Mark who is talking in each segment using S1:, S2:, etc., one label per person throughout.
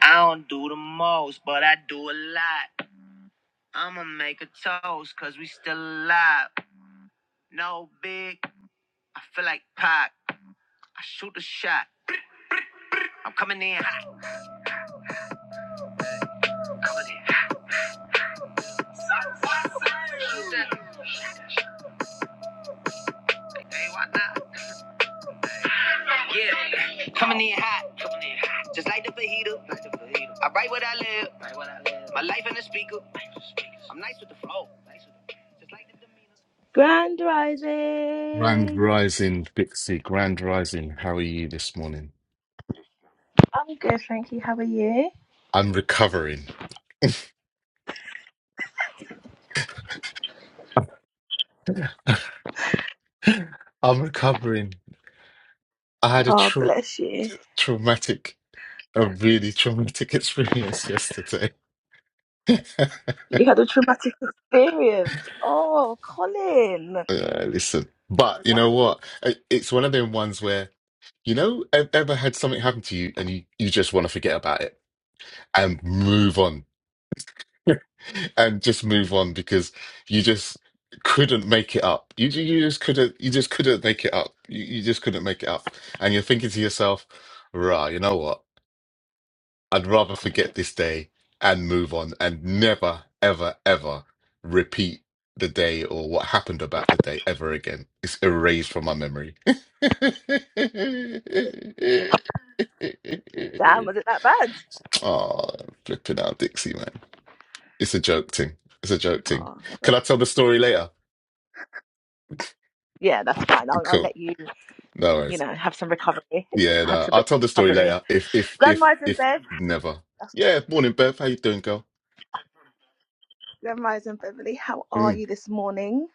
S1: I don't do the most, but I do a lot. I'ma make a toast, cause we still alive. No big, I feel like Pac. I shoot a shot. I'm coming in hot. Coming in hot. Hey, Yeah, coming in hot, coming in hot. Just like the fajita, like the fajita. I write what I live, write what I live. My life in the speaker. I'm nice with the flow, nice with the flow. just like the demeanor. Grand
S2: Grand
S1: rising.
S2: Rising, Bixie, Grand Rising. How are you this morning?
S1: I'm good, thank you. How are you?
S2: I'm recovering. I'm recovering. I had a
S1: Oh,
S2: trau-
S1: bless you.
S2: traumatic, a really traumatic experience yesterday.
S1: You had a traumatic experience. Oh, Colin.
S2: Uh, listen, but you know what? It- It's one of them ones where, you know, e- ever had something happen to you and you, you just want to forget about it? and move on and just move on because you just couldn't make it up. You ju- you just couldn't you just couldn't make it up. You, you just couldn't make it up. And you're thinking to yourself, "Rah, you know what? I'd rather forget this day and move on and never ever ever repeat the day or what happened about the day ever again. It's erased from my memory."
S1: Damn, was it that bad?
S2: Oh, flipping out, Dixie, man. It's a joke thing. It's a joke thing.
S1: Oh,
S2: Can I tell the story later?
S1: yeah, that's fine. I'll, I'll
S2: Cool.
S1: let you,
S2: No
S1: you
S2: worries.
S1: know, have some recovery.
S2: Yeah,
S1: Have
S2: no.
S1: some
S2: I'll tell the story
S1: recovery.
S2: later. If if if
S1: Grandma's in
S2: if
S1: bed.
S2: never.
S1: That's
S2: Yeah, morning Beth. How you doing, girl?
S1: Grandma's in Beverly. How are
S2: Mm.
S1: you this morning?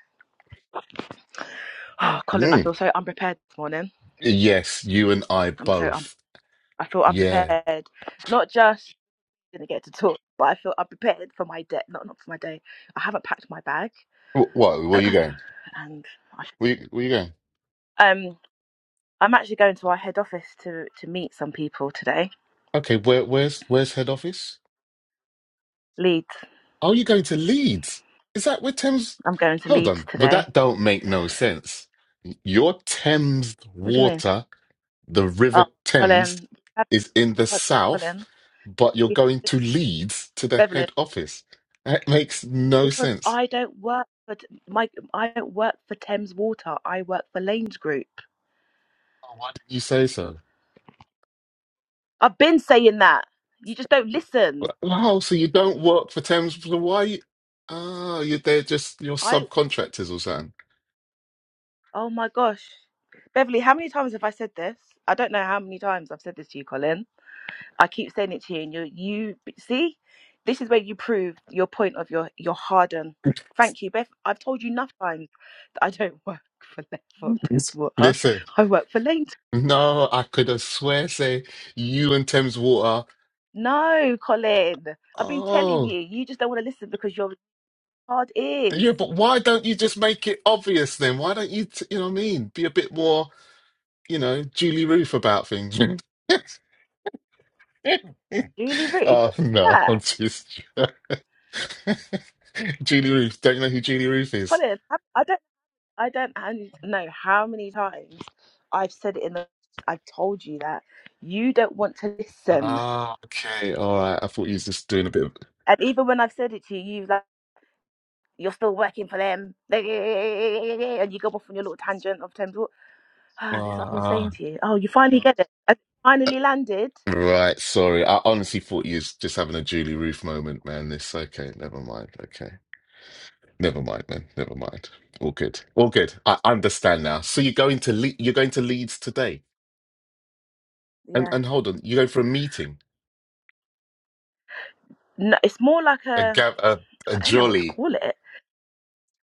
S1: Oh, Colin, I
S2: Mm.
S1: feel so unprepared this morning.
S2: Yes, you and I
S1: I'm so un-
S2: both.
S1: I feel
S2: Yeah.
S1: unprepared. Not just didn't get to talk, but I feel unprepared for my day. Not not for my day. I haven't packed my bag,
S2: Wh- What? Where you going?
S1: and I
S2: Where you, where you going?
S1: should. I'm actually going to our head office to to meet some people today.
S2: Okay, where where's where's head office?
S1: Leeds.
S2: Oh, you going to Leeds? Is that where Thames
S1: I'm going to
S2: Hold
S1: Leeds
S2: on. But
S1: today.
S2: that don't make no sense. Your Thames
S1: What do you mean?
S2: water the
S1: Oh,
S2: River Thames
S1: Colin,
S2: is in the south,
S1: Colin,
S2: but you're
S1: we have
S2: going
S1: this
S2: to Leeds to the
S1: Beverly
S2: head office. That makes no
S1: because
S2: sense.
S1: I don't work for t- my I don't work for Thames Water. I work for Lanes Group.
S2: Oh, why did you say so?
S1: I've been saying that. You just don't listen.
S2: Wow, so you don't work for Thames, so why? You... Ah, you're they're just your
S1: I
S2: subcontractors or something.
S1: oh my gosh, Beverly, how many times have I said this? I don't know how many times I've said this to you, Colin. I keep saying it to you, and you you see, this is where you prove your point of your your harden. Thank you, Beth. I've told you enough times that I don't work for Level Ten Water.
S2: Listen,
S1: I work for Lane.
S2: No, I could have swear say you and Thames Water.
S1: No, Colin. I've been telling
S2: Oh,
S1: you. You just don't want to listen because your hard ears.
S2: yeah, but why don't you just make it obvious then? Why don't you, t- you know what I mean? Be a bit more, you know, Julie Roof about things.
S1: Julie Ruth,
S2: Oh,
S1: what's
S2: no,
S1: that?
S2: I'm just. Julie Roof. Don't you know who Julie Roof is?
S1: Colin, I, I don't, I don't I know how many times I've said it in the. I've told you that you don't want to listen,
S2: Ah, okay. All right. I thought you was just doing a bit of.
S1: and even when I've said it to you, you You're still working for them. And you go off on your little tangent of terms. What? Ah, this is what I've been
S2: Ah.
S1: saying to you. Oh, you finally get it. And finally landed.
S2: ah. Right. Sorry. I honestly thought you was just having a Julie Roof moment, man. This. Okay. Never mind. Okay. Never mind, man. Never mind. All good. All good. I I understand now. So you're going to Le- you're going to Leeds today, and
S1: Yeah.
S2: and hold on, you go for a meeting,
S1: No, it's more like
S2: a
S1: a,
S2: ga- a, a
S1: I don't know what to
S2: jolly
S1: call it.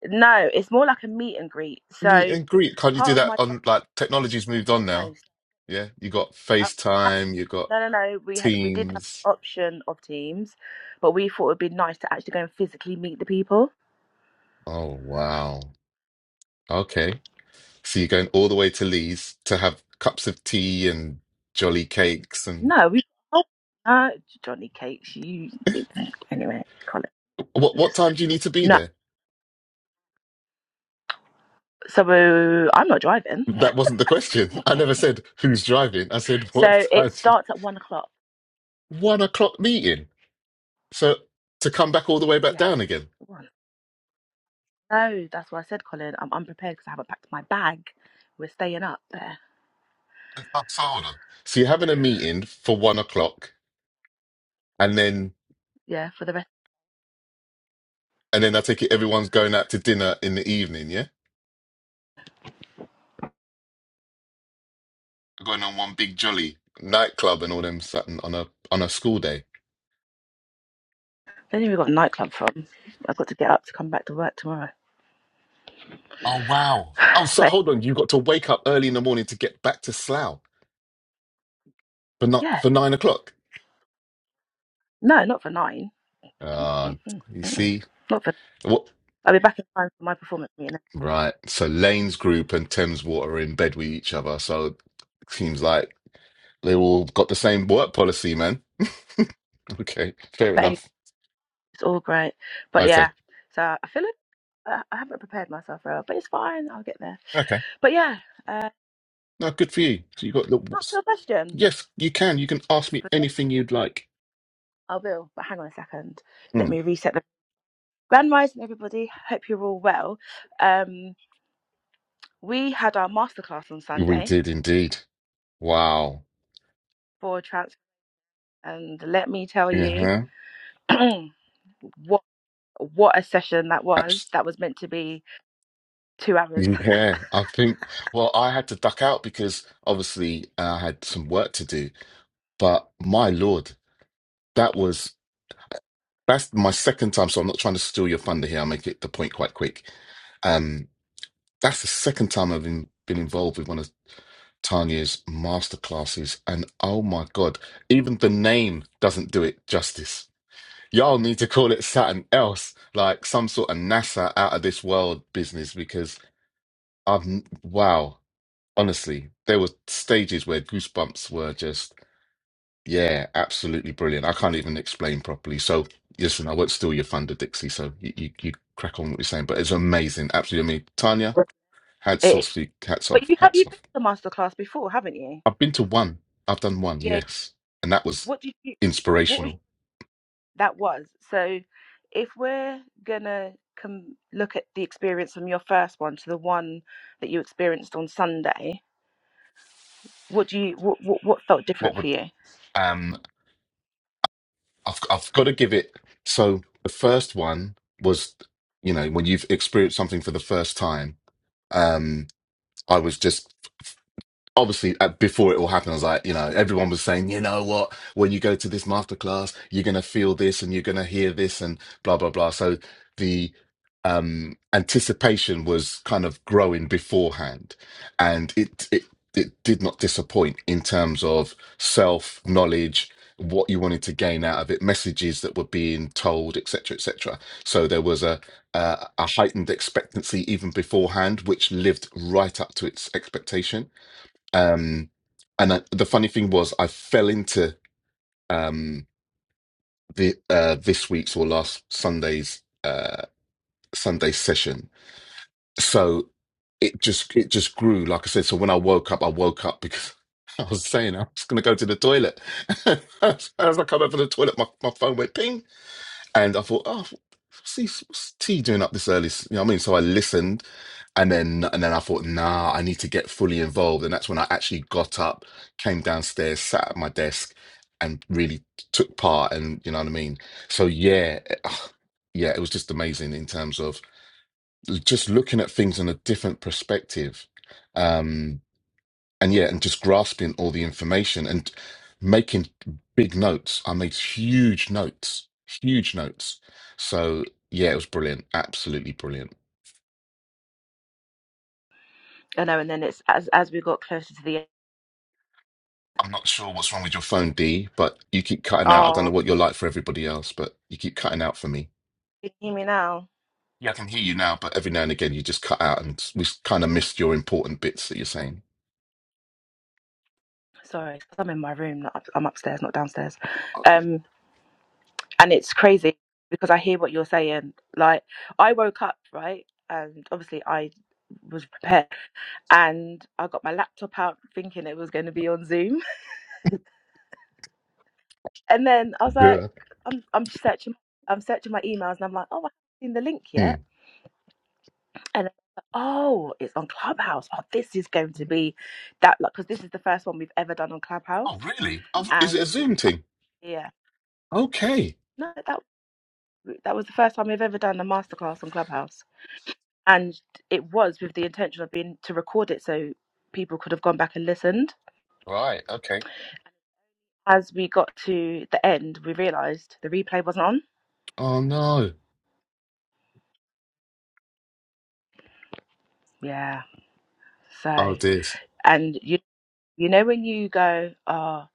S1: No, it's more like a meet and greet.
S2: meet
S1: So
S2: and greet. Can't you do
S1: part of
S2: that
S1: my job
S2: on like technology's moved on
S1: no,
S2: now? Yeah, you got
S1: so I-
S2: FaceTime, you got
S1: no, no, no. We ha- we did have
S2: Teams.
S1: the option of teams, but we thought it'd be nice to actually go and physically meet the people.
S2: Oh wow. Okay. So you're going all the way to Leeds to have cups of tea and jolly cakes and
S1: No, we oh, no, Johnny Cakes. You you anyway, Colin.
S2: what what time
S1: Just
S2: do you need to be
S1: no.
S2: there?
S1: So I'm not driving.
S2: That wasn't the question. I never said who's driving. I said what
S1: So
S2: time?
S1: it
S2: did-
S1: starts at one o'clock.
S2: One o'clock meeting. So to come back all the way back
S1: Yeah.
S2: down again.
S1: One. No, that's what I said, Colin. I'm unprepared because I haven't packed my bag. We're staying up there.
S2: Oh, So hold on. So you're having a meeting for one o'clock, and then
S1: Yeah, for the rest.
S2: and then I take it everyone's going out to dinner in the evening. Yeah, going on one big jolly nightclub and all them something on a on a school day.
S1: Then we got a nightclub from. I've got to get up to come back to work tomorrow.
S2: Oh wow. Oh, so
S1: But
S2: hold on. You got to wake up early in the morning to get back to Slough for not
S1: yeah,
S2: for nine o'clock.
S1: no, not for nine.
S2: Ah,
S1: Mm-mm,
S2: you
S1: mm-mm.
S2: see.
S1: Not for. I'll be back in time for my performance meeting.
S2: Right. So Lane's group and Thames Water are in bed with each other. So it seems like they all got the same work policy, man. Okay. Fair
S1: But anyway,
S2: enough.
S1: it's all great. But
S2: Okay.
S1: yeah, so I feel like I I haven't prepared myself well, but it's fine. I'll get there.
S2: Okay.
S1: But yeah, uh,
S2: No, good for you. So you got the
S1: that's
S2: what's
S1: your question.
S2: yes, you can. You can ask me anything you'd like.
S1: I will, but hang on a second. Let
S2: Mm.
S1: me reset the grand rising, everybody. Hope you're all well. Um, we had our masterclass on
S2: We
S1: Sunday
S2: did indeed. Wow.
S1: for trans, and let me tell you
S2: Yeah.
S1: what what a session that was.
S2: Abs-
S1: That was meant to be two hours.
S2: yeah. I think well, I had to duck out because obviously I had some work to do. But my lord, that was. That's my second time, so I'm not trying to steal your thunder here. I'll make it the point quite quick. Um, that's the second time I've been, been involved with one of Tanya's masterclasses, and oh my god, even the name doesn't do it justice. Y'all need to call it something else, like some sort of NASA out of this world business, because I've wow, honestly, there were stages where goosebumps were just. Yeah, absolutely brilliant. I can't even explain properly. So, listen, I won't steal your thunder, Dixie. So you, you, you crack on with what you're saying, but it's amazing. Absolutely. I mean, Tanya, hats
S1: It,
S2: off, to you. hats
S1: but
S2: off,
S1: you have you
S2: hats
S1: been
S2: off.
S1: to masterclass before, haven't you?
S2: I've been to one. I've done one,
S1: Yeah.
S2: yes, and that was
S1: What did you? What was
S2: inspirational.
S1: that was. So if we're going to com- look at the experience from your first one to the one that you experienced on Sunday, what do you what, what, what felt
S2: What
S1: different
S2: would
S1: for you?
S2: um? I've I've got to give it. So the first one was, you know, when you've experienced something for the first time. Um, I was just obviously uh, before it all happened, I was like, you know, everyone was saying, you know what, when you go to this masterclass, you're gonna feel this and you're gonna hear this and blah blah blah. So the um anticipation was kind of growing beforehand, and it it it did not disappoint in terms of self knowledge what you wanted to gain out of it messages that were being told etc etc so there was a uh, a heightened expectancy even beforehand which lived right up to its expectation um, and I, the funny thing was, I fell into um, the uh, this week's or last Sunday's uh, Sunday session. So it just it just grew. Like I said, so when I woke up, I woke up because I was saying I was going to go to the toilet. As I come over the toilet, my, my phone went ping. And I thought, oh, what's he, what's T doing up this early? S- You know what I mean? So I listened, and then and then I thought, nah, I need to get fully involved. And that's when I actually got up, came downstairs, sat at my desk, and really took part. And you know what I mean? So yeah, it- ah, yeah, it was just amazing in terms of l- just looking at things in a different perspective. Um, and yeah, and just grasping all the information and making big notes. I made huge notes, huge notes. So yeah, it was brilliant, absolutely brilliant.
S1: I know, and then it's as as we got closer to the end.
S2: I'm not sure what's wrong with your phone, D, but you keep cutting out. I don't
S1: Oh,
S2: know what you're like for everybody else, but you keep cutting out for me.
S1: can you hear me now?
S2: Yeah, I can hear you now, but every now and again you just cut out, and we kind of missed your important bits that you're saying.
S1: Sorry, I'm in my room. Not up, I'm upstairs, not downstairs.
S2: Okay.
S1: Um, and it's crazy because I hear what you're saying. Like I woke up right, and obviously I was prepared and I got my laptop out thinking it was going to be on Zoom. And then I was like,
S2: Yeah.
S1: I'm, I'm searching, I'm searching my emails, and I'm like, oh, I haven't seen the link
S2: Hmm.
S1: yet. And then, oh, it's on Clubhouse. Oh, this is going to be that like because this is the first one we've ever done on Clubhouse.
S2: Oh, really? Oh, is it a
S1: And
S2: Zoom thing?
S1: yeah,
S2: Okay.
S1: no, that that was the first time we've ever done a masterclass on Clubhouse, and it was with the intention of being to record it so people could have gone back and listened.
S2: Right. Okay.
S1: As we got to the end, we realised the replay wasn't on.
S2: Oh no.
S1: Yeah
S2: Oh
S1: So,
S2: dear.
S1: and you you know when you go, ah,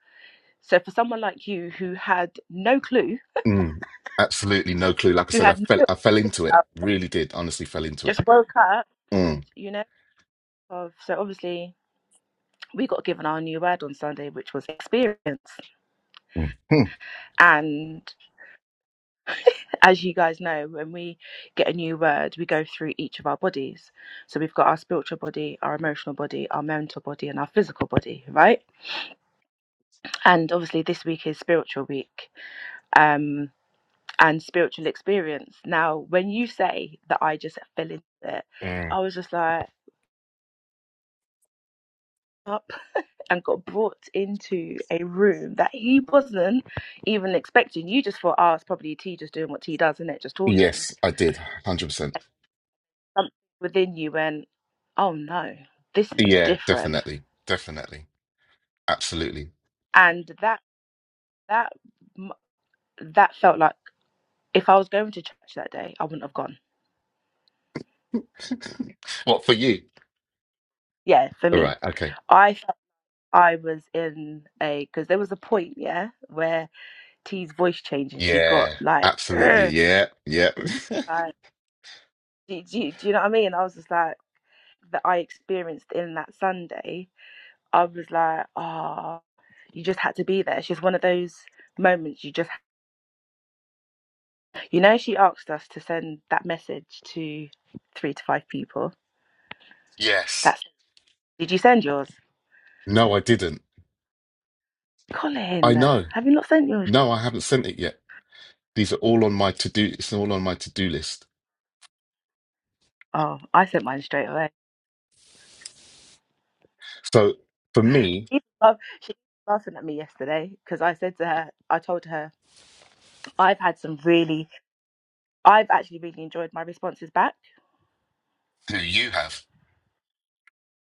S1: so for someone like you who had no clue,
S2: Mm, absolutely no clue. Like I
S1: who
S2: said, I
S1: had
S2: fell
S1: no,
S2: I fell into it. Really did. Honestly, fell into it.
S1: just woke up, and
S2: Mm,
S1: you know, of so obviously we got given our new word on Sunday, which was experience.
S2: mm, mm,
S1: And as you guys know, when we get a new word, we go through each of our bodies. So we've got our spiritual body, our emotional body, our mental body, and our physical body, right? And obviously this week is spiritual week. Um, and spiritual experience. Now, when you say that I just fell into it,
S2: mm.
S1: I was just like up and got brought into a room that he wasn't even expecting. You just thought, oh, it's probably T just doing what T does, isn't it? Just talking.
S2: Yes, I did. one Hundred percent.
S1: And something within you went, oh no, this is
S2: Yeah,
S1: different.
S2: definitely, definitely, absolutely.
S1: And that that m- that felt like if I was going to church that day, I wouldn't have gone.
S2: What for you?
S1: Yeah, for
S2: All
S1: me,
S2: right. Okay.
S1: I felt I was in a because there was a point, yeah, where T's voice change and she got
S2: Yeah.
S1: like,
S2: Absolutely.
S1: like
S2: Yeah. Yeah.
S1: do, do, do you know what I mean? I was just like, that I experienced in that Sunday, I was like, ah, you just had to be there. It's just one of those moments you just, you know, she asked us to send that message to three to five people.
S2: Yes.
S1: That's, did you send yours?
S2: No, I didn't. I
S1: Colin,
S2: know.
S1: have you not sent yours?
S2: No, I haven't sent it yet. These are all on my to do. It's all on my to do list.
S1: Oh, I sent mine straight away.
S2: So for me,
S1: She was laugh- she was laughing at me yesterday because I said to her, I told her, I've had some really I've actually really enjoyed my responses back.
S2: who you have?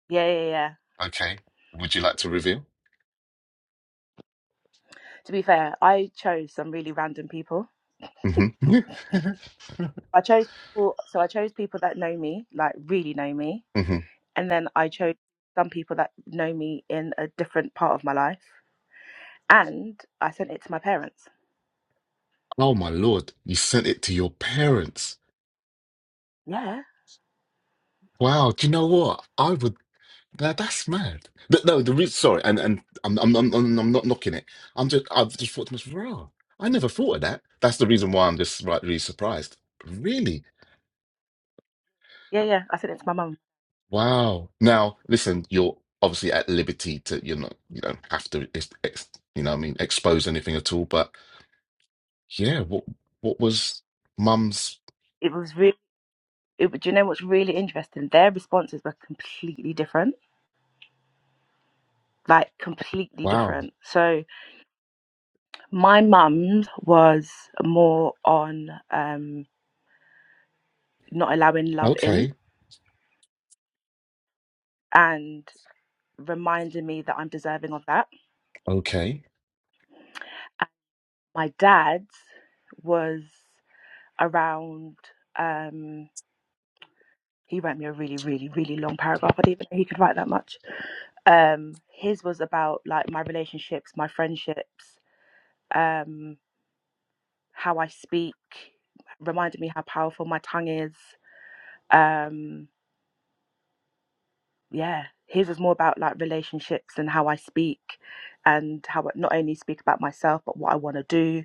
S1: Yeah, yeah, yeah.
S2: Okay. Would you like to reveal?
S1: To be fair, I chose some really random people.
S2: hmm
S1: I chose people, so I chose people that know me, like really know me,
S2: hmm
S1: and then I chose some people that know me in a different part of my life, and I sent it to my parents.
S2: Oh my lord, you sent it to your parents.
S1: Yeah,
S2: Wow, do you know what? I would that, that's mad. But no, the re- sorry, and and I'm I'm I'm I'm I'm not knocking it. I'm just I've just thought to myself, wow, I never thought of that. That's the reason why I'm just right really surprised. Really?
S1: yeah, yeah. I sent it to my mum.
S2: Wow. Now, listen, you're obviously at liberty to you're not you don't have to ex, ex, you know what I mean expose anything at all, but yeah, what what was mum's
S1: It was really. It, do you know what's really interesting? Their responses were completely different, like completely
S2: wow.
S1: different. So my mum's was more on um not allowing love in
S2: Okay.
S1: and reminding me that I'm deserving of that.
S2: Okay.
S1: My dad's was around um he wrote me a really, really, really long paragraph. I didn't even know he could write that much. Um his was about like my relationships, my friendships, um, how I speak, reminded me how powerful my tongue is. Um yeah. His was more about like relationships and how I speak and how I not only speak about myself but what I want to do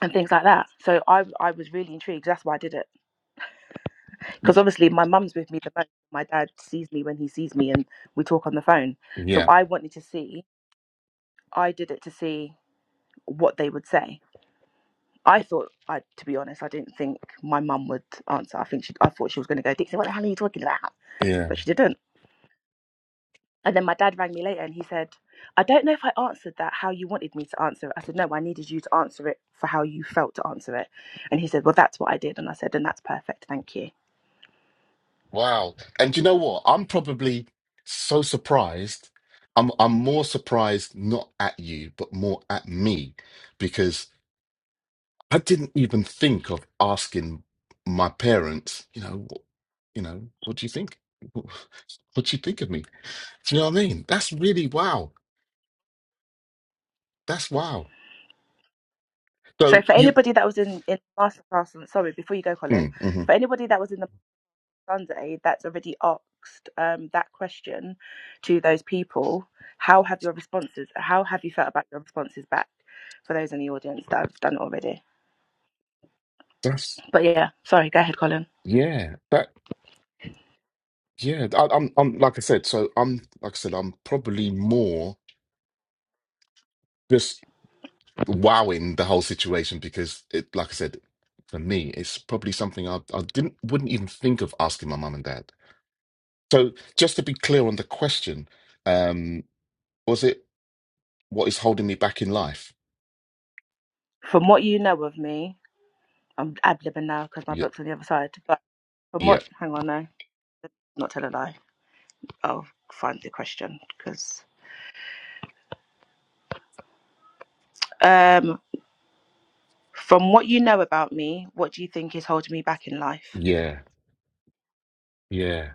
S1: and things like that. So I I was really intrigued. That's why I did it because obviously my mum's with me the most. My dad sees me when he sees me, and we talk on the phone.
S2: Yeah.
S1: So I wanted to see. I did it to see what they would say. I thought, I to be honest, I didn't think my mum would answer. I think she, I thought she was going to go, Dixie, what the hell are you talking about?
S2: Yeah.
S1: But she didn't. And then my dad rang me later, and he said, I don't know if I answered that how you wanted me to answer it. I said, no, I needed you to answer it for how you felt to answer it. And he said, well, that's what I did. And I said, and that's perfect, thank you
S2: Wow. And you know what? I'm probably so surprised. I'm I'm more surprised not at you, but more at me, because I didn't even think of asking my parents, you know, wh- you know, what do you think? What do you think of me? Do you know what I mean? That's really wow. That's wow.
S1: So
S2: So
S1: for
S2: you,
S1: anybody that was in in masterclass, on- sorry, before you go, Colin,
S2: mm, hmm
S1: for anybody that was in the Sunday that's already asked um, that question to those people, how have your responses? How have you felt about your responses back? For those in the audience that have done it already,
S2: that's
S1: but yeah, sorry, go ahead, Colin.
S2: yeah. That yeah. I, I'm I'm like I said. So I'm like I said. I'm probably more. just. wowing the whole situation because it, like I said, for me, it's probably something I, I didn't wouldn't even think of asking my mum and dad. So just to be clear on the question, um, was it what is holding me back in life?
S1: From what you know of me, I'm ad libbing now because my
S2: Yeah,
S1: book's on the other side. But from
S2: yeah,
S1: what, hang on, no, not tell a lie. I'll find the question because um, from what you know about me, what do you think is holding me back in life?
S2: yeah, yeah,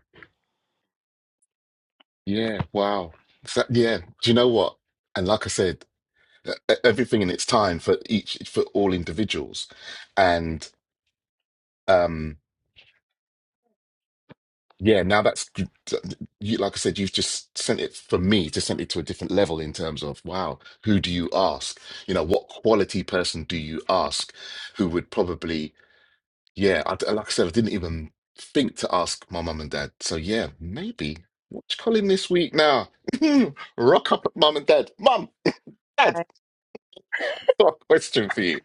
S2: yeah. Wow. So, yeah. Do you know what? And like I said, e- e-, everything in its time for each for all individuals, and. um. Yeah, now that's you, like I said, you've just sent it for me to send it to a different level in terms of wow, who do you ask? You know, what quality person do you ask who would probably, yeah, I, like I said, I didn't even think to ask my mum and dad. So, yeah, maybe watch Colin this week now. Rock up at mum and dad. Mum, dad,
S1: I,
S2: got a question for you.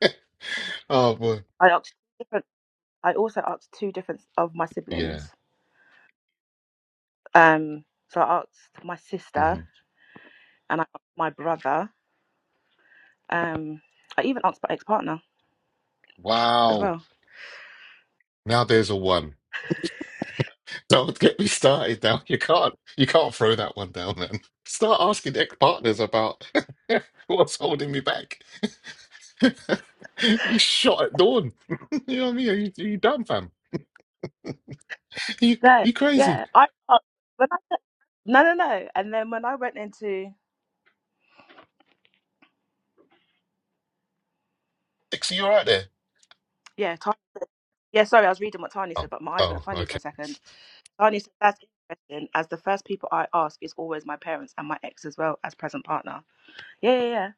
S2: Oh, boy.
S1: I asked different. I also asked two different of my
S2: Yeah.
S1: siblings. Um, so I asked my
S2: hmm
S1: sister and I asked my brother. Um, I even asked my ex-partner as
S2: Wow.
S1: well.
S2: Now there's a one. Don't get me started now. You can't you can't throw that one down, man. Start asking ex-partners about what's holding me back. you shot at dawn. you know what I mean? Are you, are you done, fam? you
S1: No,
S2: you crazy?
S1: yeah, I, I when I no no no. And then when I went into
S2: Dixie, you all right there?
S1: yeah, Tanya, said- yeah, sorry, I was reading what Tanya
S2: Oh,
S1: said, but my eyes went
S2: oh,
S1: funny for
S2: okay.
S1: a second. Darnie said that's interesting, as the first people I ask is always my parents and my ex as well as present partner. Yeah, yeah, yeah.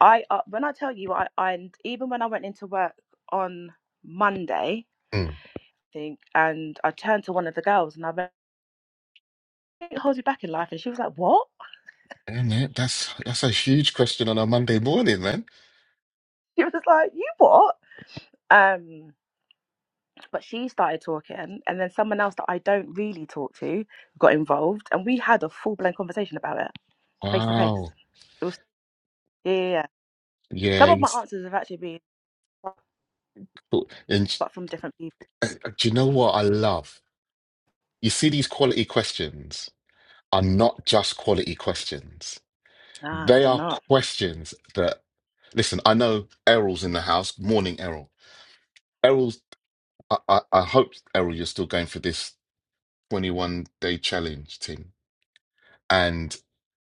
S1: I uh, when I tell you, I, I and even when I went into work on Monday,
S2: Mm.
S1: I think, and I turned to one of the girls and I went, "It holds you back in life," and she was like, "What?"
S2: Damn it, that's that's a huge question on a Monday morning, man.
S1: She was like, "You what?" Um, but she started talking, and then someone else that I don't really talk to got involved, and we had a full blown conversation about it, face to face.
S2: Wow.
S1: It was yeah, yeah. yeah.
S2: Yeah.
S1: Some of
S2: You,
S1: my
S2: s-
S1: answers have actually been.
S2: oh, and
S1: but from different people.
S2: do you know what I love? You see, these quality questions are not just quality questions.
S1: Nah,
S2: They
S1: they're
S2: are
S1: not.
S2: questions that, listen, I know Errol's in the house. Morning, Errol. Errol's, I, I, I hope, Errol, you're still going for this 21 day challenge team. And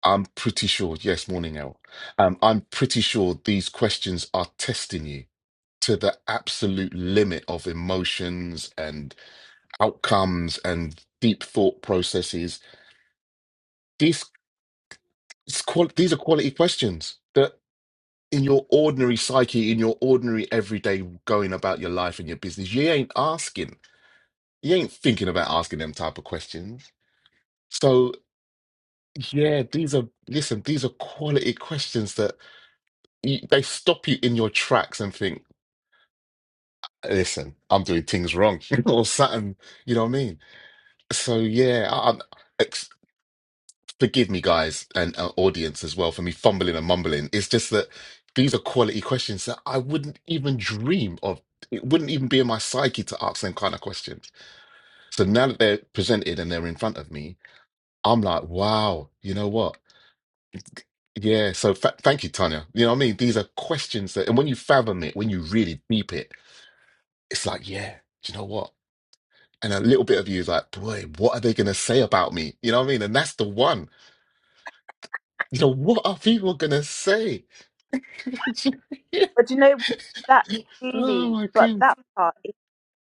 S2: I'm pretty sure, yes, morning, Errol. Um, I'm pretty sure these questions are testing you to the absolute limit of emotions and outcomes and deep thought processes. These, it's qual- these are quality questions. that. in your ordinary psyche, in your ordinary everyday going about your life and your business, you ain't asking, you ain't thinking about asking them type of questions. So yeah, these are listen, these are quality questions that you, they stop you in your tracks and think, listen, I'm doing things wrong or something. You know what I mean? So yeah, I, I'm. forgive me, guys, and uh, audience as well for me fumbling and mumbling. It's just that these are quality questions that I wouldn't even dream of. It wouldn't even be in my psyche to ask them kind of questions. So now that they're presented and they're in front of me, I'm like, wow, you know what? Yeah. So fa- thank you, Tanya. You know what I mean? These are questions that, and when you fathom it, when you really deep it, it's like, yeah, do you know what? And a little bit of you is like, boy, what are they going to say about me? You know what I mean? And that's the one. You know, what are people going to say?
S1: But do you know what? that's
S2: oh
S1: really
S2: my
S1: but
S2: god.
S1: that part is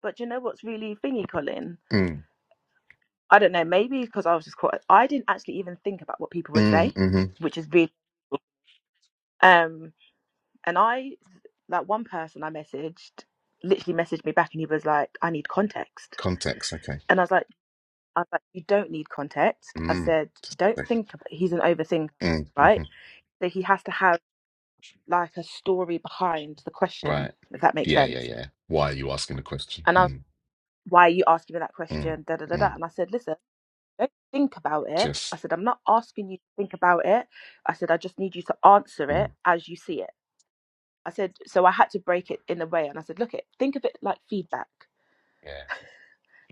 S1: but do you know what's really thingy, Colin?
S2: Mm,
S1: I don't know, maybe because I was just caught I didn't actually even think about what people would
S2: mm,
S1: say,
S2: hmm
S1: which is really um and I like one person I messaged literally messaged me back and he was like, I need context.
S2: Context, okay.
S1: And I was like I was like, you don't need context. I
S2: Mm,
S1: said, don't
S2: okay.
S1: think about he's an overthinker,
S2: mm,
S1: right?
S2: hmm
S1: So he has to have like a story behind the question,
S2: Right.
S1: if that makes
S2: Yeah, yeah,
S1: sense.
S2: yeah. Why are you asking the question?
S1: and I. was
S2: Mm,
S1: why are you asking me that
S2: mm,
S1: question? Da da da da.
S2: mm.
S1: And I said, listen, don't think about it. I
S2: Just,
S1: said, I'm not asking you to think about it. I said, I just need you to answer
S2: mm,
S1: it as you see it. I said, so I had to break it in a way. And I said, look, it, think of it like feedback.
S2: yeah,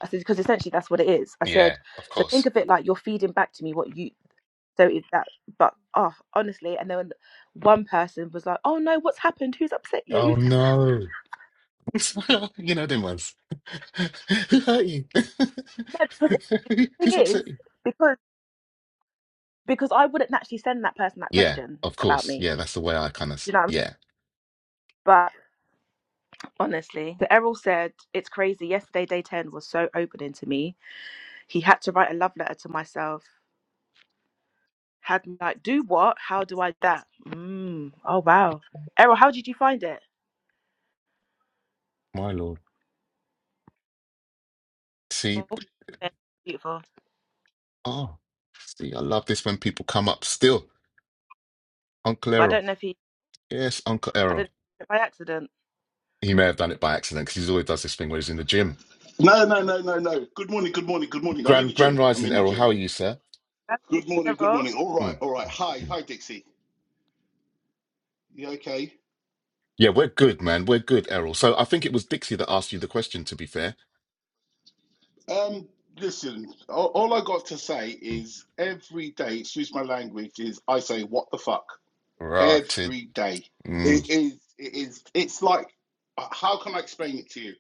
S1: I said, because essentially that's what it is. I
S2: yeah,
S1: said,
S2: of
S1: so think
S2: course.
S1: of it like you're feeding back to me what you. So it, that, but oh, honestly. And then one person was like, oh no, what's happened? Who's upset
S2: Oh
S1: you?
S2: no. you know them ones. Who hurt you?
S1: No, because the
S2: Who's
S1: thing is,
S2: upset you?
S1: because because I wouldn't naturally send that person that
S2: Yeah,
S1: question
S2: of
S1: about
S2: course.
S1: me.
S2: Yeah, that's the way I kind of,
S1: Do you know what I mean?
S2: yeah.
S1: But Honestly, the Errol said, It's crazy. Yesterday, day 10 was so opening to me. He had to write a love letter to myself. Had me like, Do what? How do I do that? Mm. Oh, wow. Errol, how did you find it?
S2: My lord. See,
S1: Oh, yeah, beautiful.
S2: oh, see, I love this when people come up still. Uncle
S1: But I
S2: Errol.
S1: don't know if he,
S2: Yes, Uncle
S1: I don't
S2: Errol.
S1: know if by accident.
S2: He may have done it by accident because he always does this thing where he's in the gym.
S3: No, no, no, no, no. Good morning, good morning, good morning. I'm in the
S2: Grand
S3: gym.
S2: Grand
S3: I'm
S2: Rising
S3: in the
S2: Errol,
S3: gym.
S2: how are you, sir?
S3: Good morning, good
S1: Errol?
S3: morning. All right,
S2: Mm,
S3: all right. Hi,
S2: mm.
S3: hi, Dixie. You okay?
S2: Yeah, we're good, man. We're good, Errol. So I think it was Dixie that asked you the question, to be fair.
S3: Um, listen, all, all I got to say
S2: Mm.
S3: is every day, excuse my language, is I say what the fuck
S2: Rotted.
S3: every day.
S2: Mm.
S3: It is, it is, it's like, uh, how can I explain it to you?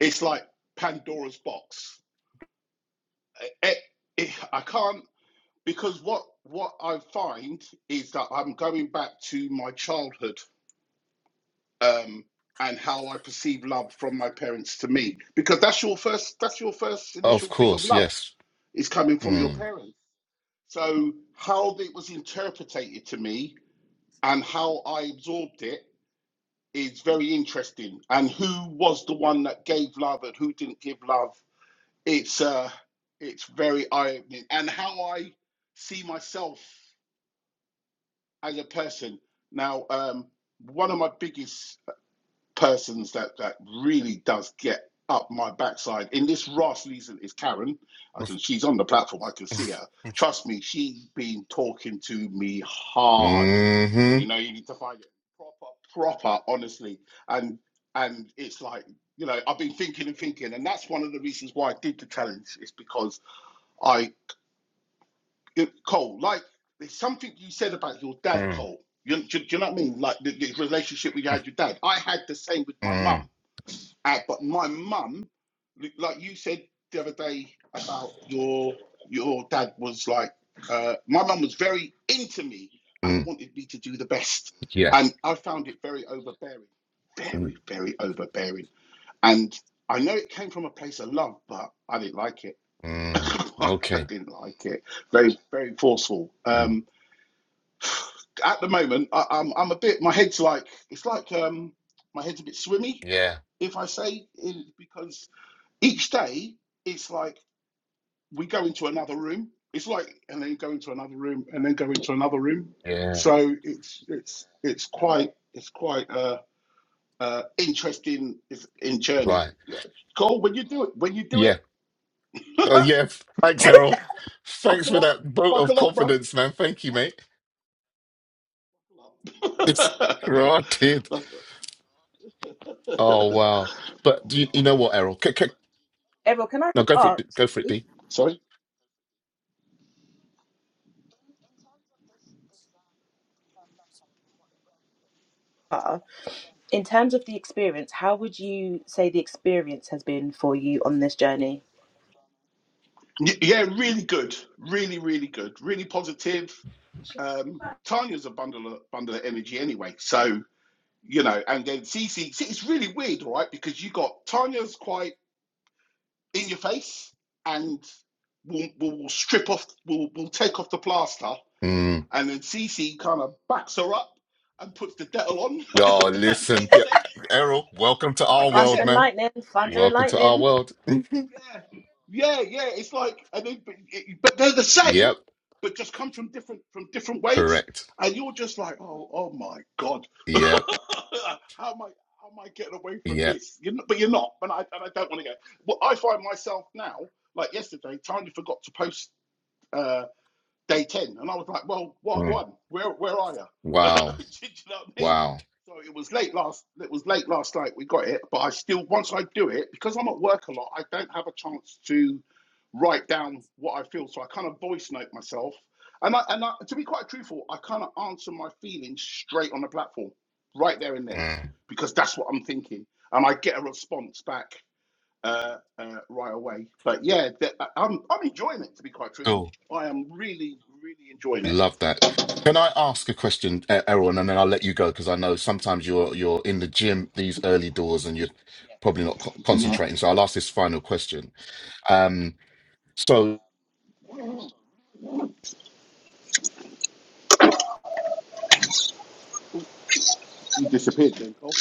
S3: It's like Pandora's box. It, it, I can't because what what I find is that I'm going back to my childhood um, and how I perceive love from my parents to me, because that's your first that's your first
S2: Of
S3: initial thing of
S2: course,
S3: love
S2: yes.
S3: is coming from your
S2: Mm.
S3: parents. So how it was interpreted to me and how I absorbed it is very interesting. And who was the one that gave love and who didn't give love? It's uh, it's very eye opening, and how I see myself as a person. Now, um, one of my biggest persons that that really does get up my backside. In this last season is Karen. I can she's on the platform. I can see her. Trust me, she's been talking to me hard.
S2: Mm-hmm.
S3: You know, you need to find it proper, proper, honestly. And and it's like you know, I've been thinking and thinking, and that's one of the reasons why I did the challenge. Is because I it, Cole like there's something you said about your dad,
S2: Mm.
S3: Cole. You, do, do you know what I mean? Like the, the relationship we had with your dad. I had the same with my mum
S2: Mm.
S3: uh, but my mum, like you said the other day about your your dad was like, uh, my mum was very into me
S2: Mm.
S3: and wanted me to do the best,
S2: Yeah.
S3: and I found it very overbearing,
S2: Mm,
S3: very very overbearing. And I know it came from a place of love, but I didn't like it.
S2: mm,
S3: I
S2: okay.
S3: didn't like it. Very very forceful.
S2: Mm,
S3: Um, at the moment, I, I'm I'm a bit. My head's like it's like um, my head's a bit swimmy
S2: yeah.
S3: if I say, because each day it's like we go into another room it's like and then go into another room and then go into another room
S2: Yeah.
S3: so it's it's it's quite it's quite uh uh interesting it's in journey
S2: Right.
S3: Yeah. cole when you do it when you do it
S2: Yeah. Oh, yeah. Thanks, Errol. Thanks
S3: buckle
S2: for
S3: up
S2: that vote of
S3: buckle up bro
S2: confidence, man. Thank you, mate. It's rotted.
S3: That's-
S2: Oh, wow. But do you, you know what, Errol? K- k-
S1: Errol, can I
S2: no,
S1: just
S2: go for it. D-
S1: ask,
S2: Go for it, D.
S3: sorry
S1: uh, in terms of the experience, how would you say the experience has been for you on this journey?
S3: Y- yeah really good really really good really positive um tanya's a bundle of bundle of energy anyway so you know, and then Cece, see, it's really weird, right? Because you got Tanya's quite in your face and will will strip off, will will take off the plaster,
S2: Mm.
S3: and then Cece kind of backs her up and puts the dettol on. if
S2: Oh,
S3: that
S2: listen.
S3: makes
S2: Yeah,
S3: sense.
S2: Errol, welcome to
S3: Does that
S2: our
S3: make
S1: Thunder
S2: world,
S1: and
S3: sense?
S2: man.
S1: lightning, thunder and
S2: Welcome to our
S1: lightning.
S2: world.
S3: Yeah, yeah, yeah. It's like, and then, but, it- but they're the same,
S2: Yep.
S3: but just come from different from different ways,
S2: Correct.
S3: and you're just like, oh, oh my god,
S2: Yep.
S3: how am I? How am I getting away from
S2: Yep.
S3: this? You're not, but you're not, and I, and I don't want to go. Well, I find myself now, like yesterday, Tanya forgot to post. uh, day 10. And I was like, well, what
S2: Mm.
S3: one? Where where are you? Do
S2: Wow.
S3: you know what I mean?
S2: Wow.
S3: So it was late last it was late last night we got it, but I still once I do it, because I'm at work a lot, I don't have a chance to write down what I feel. So I kind of voice note myself. And I and I, to be quite truthful, I kind of answer my feelings straight on the platform, right there and then,
S2: Mm.
S3: because that's what I'm thinking. And I get a response back uh, uh, right away. But yeah, th- I- I'm I'm enjoying it to be quite truthful. I am really really enjoying it.
S2: Love that. Can I ask a question, E- Errol, and then I'll let you go because I know sometimes you're you're in the gym these early doors and you're probably not co-
S3: Yeah,
S2: concentrating. So I'll ask this final question. Um, so
S3: Oh, you disappeared then, Cole.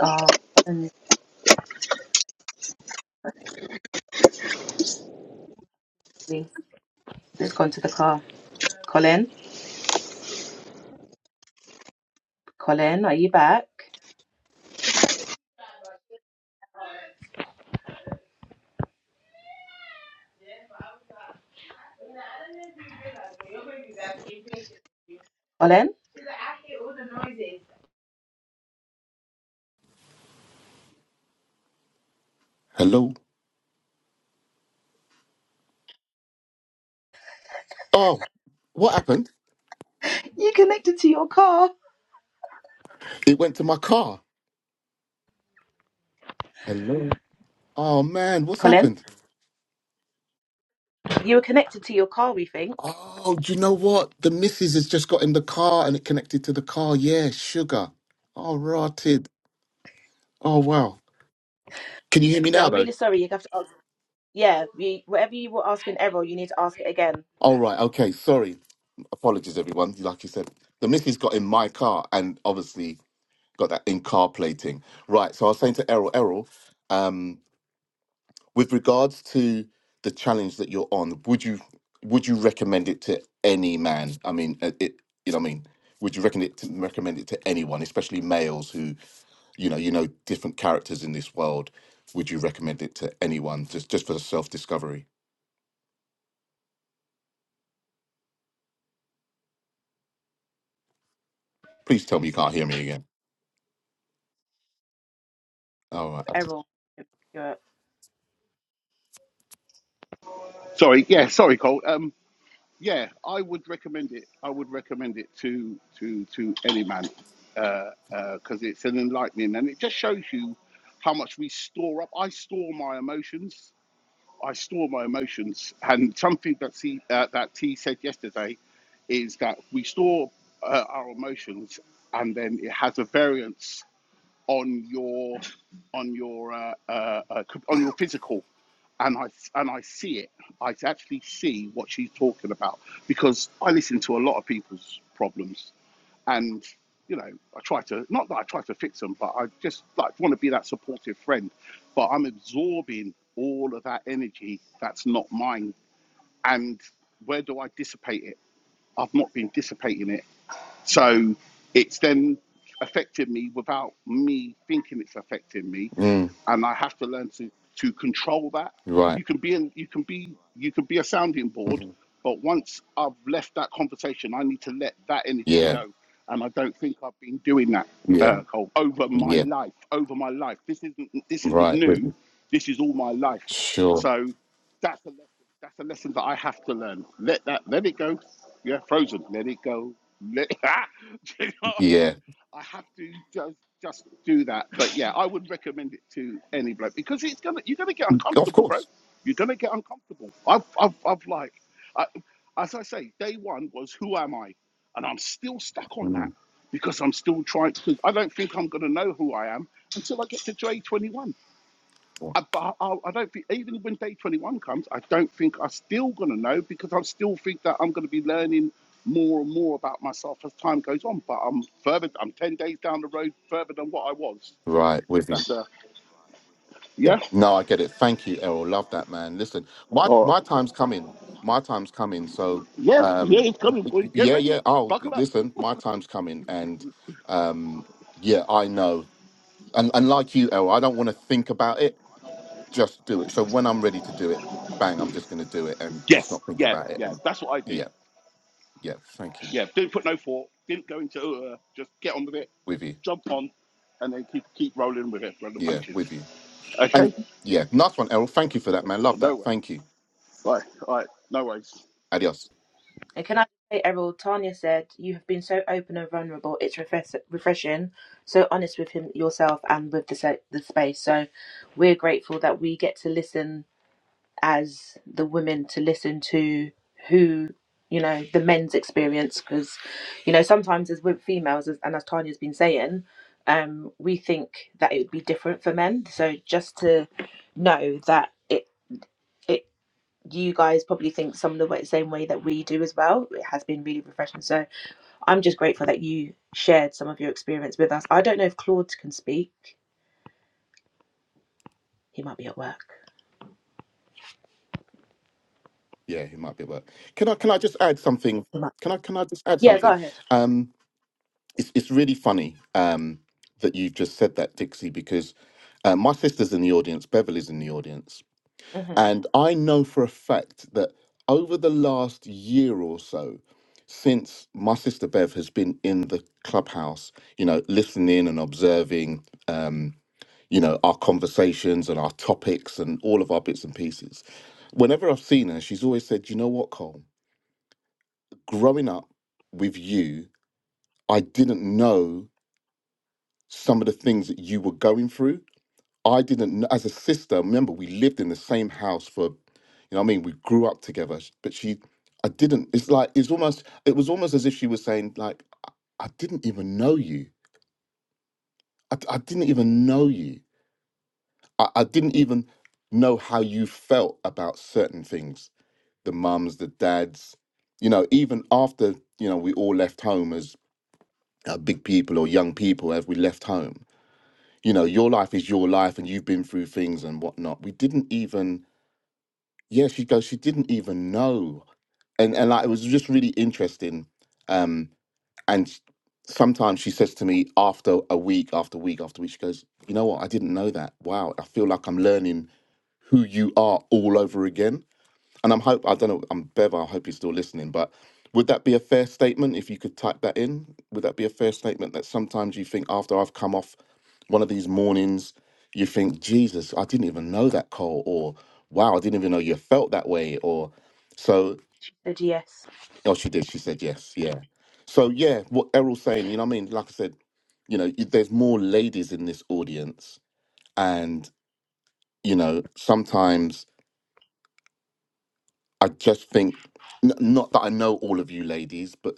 S1: Oh, honestly. has gone to the car. Colin, Colin, are you back? Colin,
S2: hello. Oh, what happened?
S1: You connected to your car.
S2: It went to my car. Hello. Oh man, what's
S1: Colin,
S2: happened?
S1: you were connected to your car, we think.
S2: Oh, do you know what? The missus has just got in the car and it connected to the car. Yeah, sugar. Oh, rotted. Oh wow. Can you hear me
S1: So
S2: now
S1: I'm
S2: though?
S1: really sorry. You have to ask. Yeah, we whatever you were asking Errol, you need to ask it again
S2: All right. Okay. Sorry. apologies everyone like you said the missus got in my car and obviously got that in car plating right so i was saying to errol errol um, with regards to the challenge that you're on would you would you recommend it to any man i mean uh, it you know what i mean would you recommend it to, recommend it to anyone especially males who you know you know different characters in this world would you recommend it to anyone just just for self discovery please tell me you can't hear me again all
S1: with
S2: right
S1: Errol. You're- up.
S3: Sorry, yeah, sorry, Cole. Um, yeah, I would recommend it. I would recommend it to to to any man because uh, uh 'cause it's an enlightening and it just shows you how much we store up. I store my emotions I store my emotions, and something that C, uh, that T said yesterday is that we store uh, our emotions, and then it has a variance on your on your uh, uh, uh, on your physical, and I and I see it. I actually see what she's talking about because I listen to a lot of people's problems, and you know i try to not that i try to fix them but i just like want to be that supportive friend but i'm absorbing all of that energy that's not mine and where do i dissipate it i've not been dissipating it so it's then affected me without me thinking it's affecting me
S2: Mm,
S3: and I have to learn to to control that.
S2: right
S3: You can be in, you can be you can be a sounding board,
S2: Mhm.
S3: but once I've left that conversation, I need to let that energy
S2: yeah
S3: go, and I don't think I've been doing that,
S2: yeah
S3: uh, Cole, over my
S2: Yeah,
S3: life, over my life. This isn't this isn't
S2: right with
S3: new.
S2: you.
S3: This is all my life.
S2: Sure.
S3: So that's a lesson. That's a lesson that I have to learn. Let that let it go. Yeah, frozen. Let it go. Let, do you know what I mean?
S2: Yeah,
S3: I have to just just do that. But yeah, I would recommend it to any bloke because it's gonna you're gonna get
S2: of
S3: uncomfortable, bro.
S2: course.
S3: You're gonna get uncomfortable. I've I've, I've like, I, as I say, day one was who am I, and I'm still stuck on that
S2: Mm.
S3: because I'm still trying to. I don't think I'm gonna know who I am until I get to J21. I, but I, I don't think even when day 21 comes i don't think i'm still going to know because i still think that i'm going to be learning more and more about myself as time goes on but i'm further i'm 10 days down the road further than what i was
S2: Right with you. Yeah.
S3: yeah
S2: No, I get it. Thank you, Errol. Love that, man. Listen, my
S3: All
S2: my
S3: right.
S2: time's coming. My time's coming. So,
S3: yeah yeah
S2: um,
S3: it's coming boy get
S2: yeah, yeah.
S3: ready
S2: Oh,
S3: buckle up
S2: listen, my time's coming, and um, yeah, I know. And, and like you, Errol, I don't want to think about it. Just do it. So when I'm ready to do it, bang, I'm just going to do it and just
S3: yes
S2: not think
S3: yeah
S2: about it.
S3: yeah
S2: And
S3: that's what i did
S2: yeah, yeah. Thank you.
S3: yeah didn't put no thought didn't go into uh, just get on with it
S2: With you.
S3: jump on and then keep keep rolling with it run the
S2: Yeah,
S3: punches
S2: with you. And
S3: okay
S2: yeah, nice one, Errol. Thank you for that, man.
S3: oh,
S2: Love
S3: no
S2: that.
S3: way
S2: Thank you.
S3: right all right no worries
S2: Adios.
S1: And can I say, Errol, Tanya said you have been so open and vulnerable. It's refresh- refreshing. So honest with him, yourself, and with the se- the space. So we're grateful that we get to listen as the women to listen to who you know the men's experience because you know sometimes as with females as, and as tanya's been saying um we think that it would be different for men so just to know that it it you guys probably think some of the way, same way that we do as well it has been really refreshing so i'm just grateful that you shared some of your experience with us i don't know if claude can speak he might be at work
S2: Yeah, he might be at work. Can I can I just add something?
S1: he might
S2: Can I can I just add
S1: yeah go
S2: something?
S1: ahead
S2: Um, it's it's really funny um that you've just said that, Dixie, because uh, my sister's in the audience, Beverly's in the audience,
S1: mm-hmm.
S2: and I know for a fact that over the last year or so, since my sister Bev has been in the clubhouse, you know, listening and observing. Um. you know, our conversations and our topics and all of our bits and pieces. Whenever I've seen her, she's always said, you know what, Cole, growing up with you, I didn't know some of the things that you were going through. I didn't, kn- as a sister, remember, we lived in the same house for, you know what I mean? We grew up together, sh- but she, I didn't, it's like, it's almost, it was almost as if she was saying, like, I didn't even know you. I, d- I didn't even know you. I, I didn't even know how you felt about certain things the mums, the dads, you know, even after, you know, we all left home as uh, big people or young people, as we left home, you know, your life is your life and you've been through things and whatnot. We didn't even, yeah, she goes, she didn't even know. And, and like, it was just really interesting. Um, and s- sometimes she says to me after a week, after week, after week, she goes, you know what? I didn't know that. Wow. I feel like I'm learning who you are all over again and I'm hope I don't know. I'm Bev. I hope he's still listening. But would that be a fair statement if you could type that in? Would that be a fair statement that sometimes you think after I've come off one of these mornings, you think Jesus, I didn't even know that Cole, or wow, I didn't even know you felt that way, or so.
S1: The G S.
S2: Oh, she did. She said yes. Yeah. So yeah, what Errol's saying, you know, what I mean, like I said, you know, y- there's more ladies in this audience, and you know, sometimes I just think n- not that I know all of you ladies, but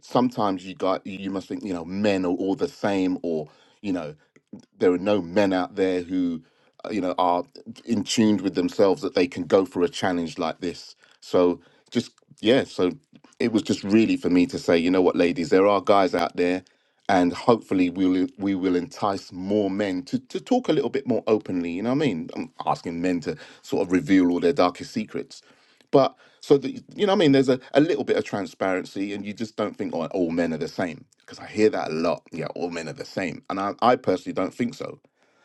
S2: sometimes you got you you must think you know men are all the same or you know there are no men out there who uh, you know are in tuned with themselves that they can go for a challenge like this so just yeah so it was just really for me to say, you know what, ladies, there are guys out there, and hopefully we will we will entice more men to to talk a little bit more openly. You know what I mean? I'm asking men to sort of reveal all their darkest secrets, but so that you know what I mean. There's a, a little bit of transparency, and you just don't think oh, all men are the same because I hear that a lot. Yeah, all men are the same, and I, I personally don't think so.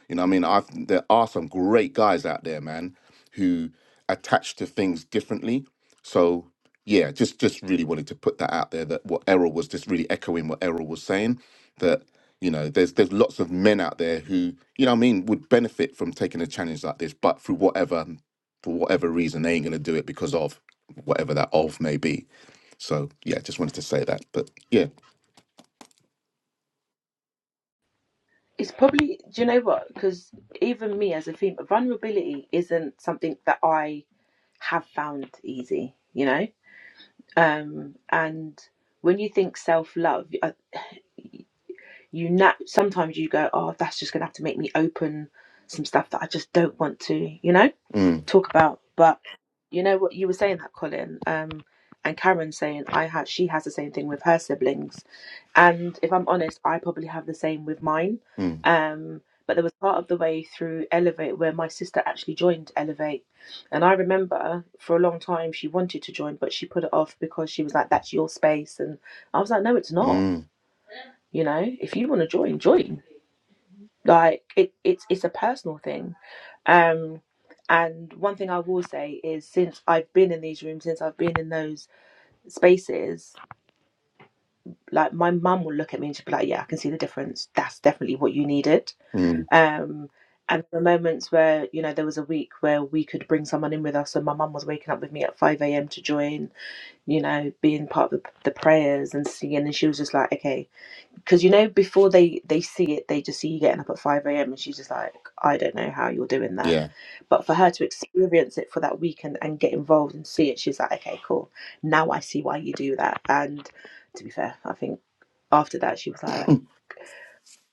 S2: You know what I mean? I there are some great guys out there, man, who attach to things differently. So yeah, just just really wanted to put that out there that what Errol was just really echoing what Errol was saying that you know there's there's lots of men out there who you know what I mean would benefit from taking a challenge like this, but through whatever for whatever reason they ain't gonna do it because of whatever that of may be. So yeah, just wanted to say that. But yeah,
S1: It's probably, do you know what? Because even me as a female, vulnerability isn't something that I have found easy, you know? Um, and when you think self love, you na- sometimes you go, oh, that's just going to have to make me open some stuff that I just don't want to, you know?
S2: mm,
S1: talk about. But you know what you were saying that Colin um, and Karen saying I have she has the same thing with her siblings, and if I'm honest, I probably have the same with mine.
S2: mm,
S1: Um, but there was part of the way through Elevate where my sister actually joined Elevate, and I remember for a long time she wanted to join, but she put it off because she was like, "That's your space," and I was like, "No, it's not."
S2: mm,
S1: You know, if you want to join, join like it, it's it's a personal thing um and one thing i will say is since i've been in these rooms since i've been in those spaces like my mum will look at me and she'll be like yeah i can see the difference that's definitely what you needed
S2: mm,
S1: um and the moments where you know there was a week where we could bring someone in with us and my mum was waking up with me at 5 a.m to join you know being part of the, the prayers and singing and she was just like okay because you know before they they see it they just see you getting up at 5 a.m and she's just like i don't know how you're doing that
S2: yeah,
S1: but for her to experience it for that weekend and and get involved and see it she's like okay cool now i see why you do that and to be fair i think after that she was like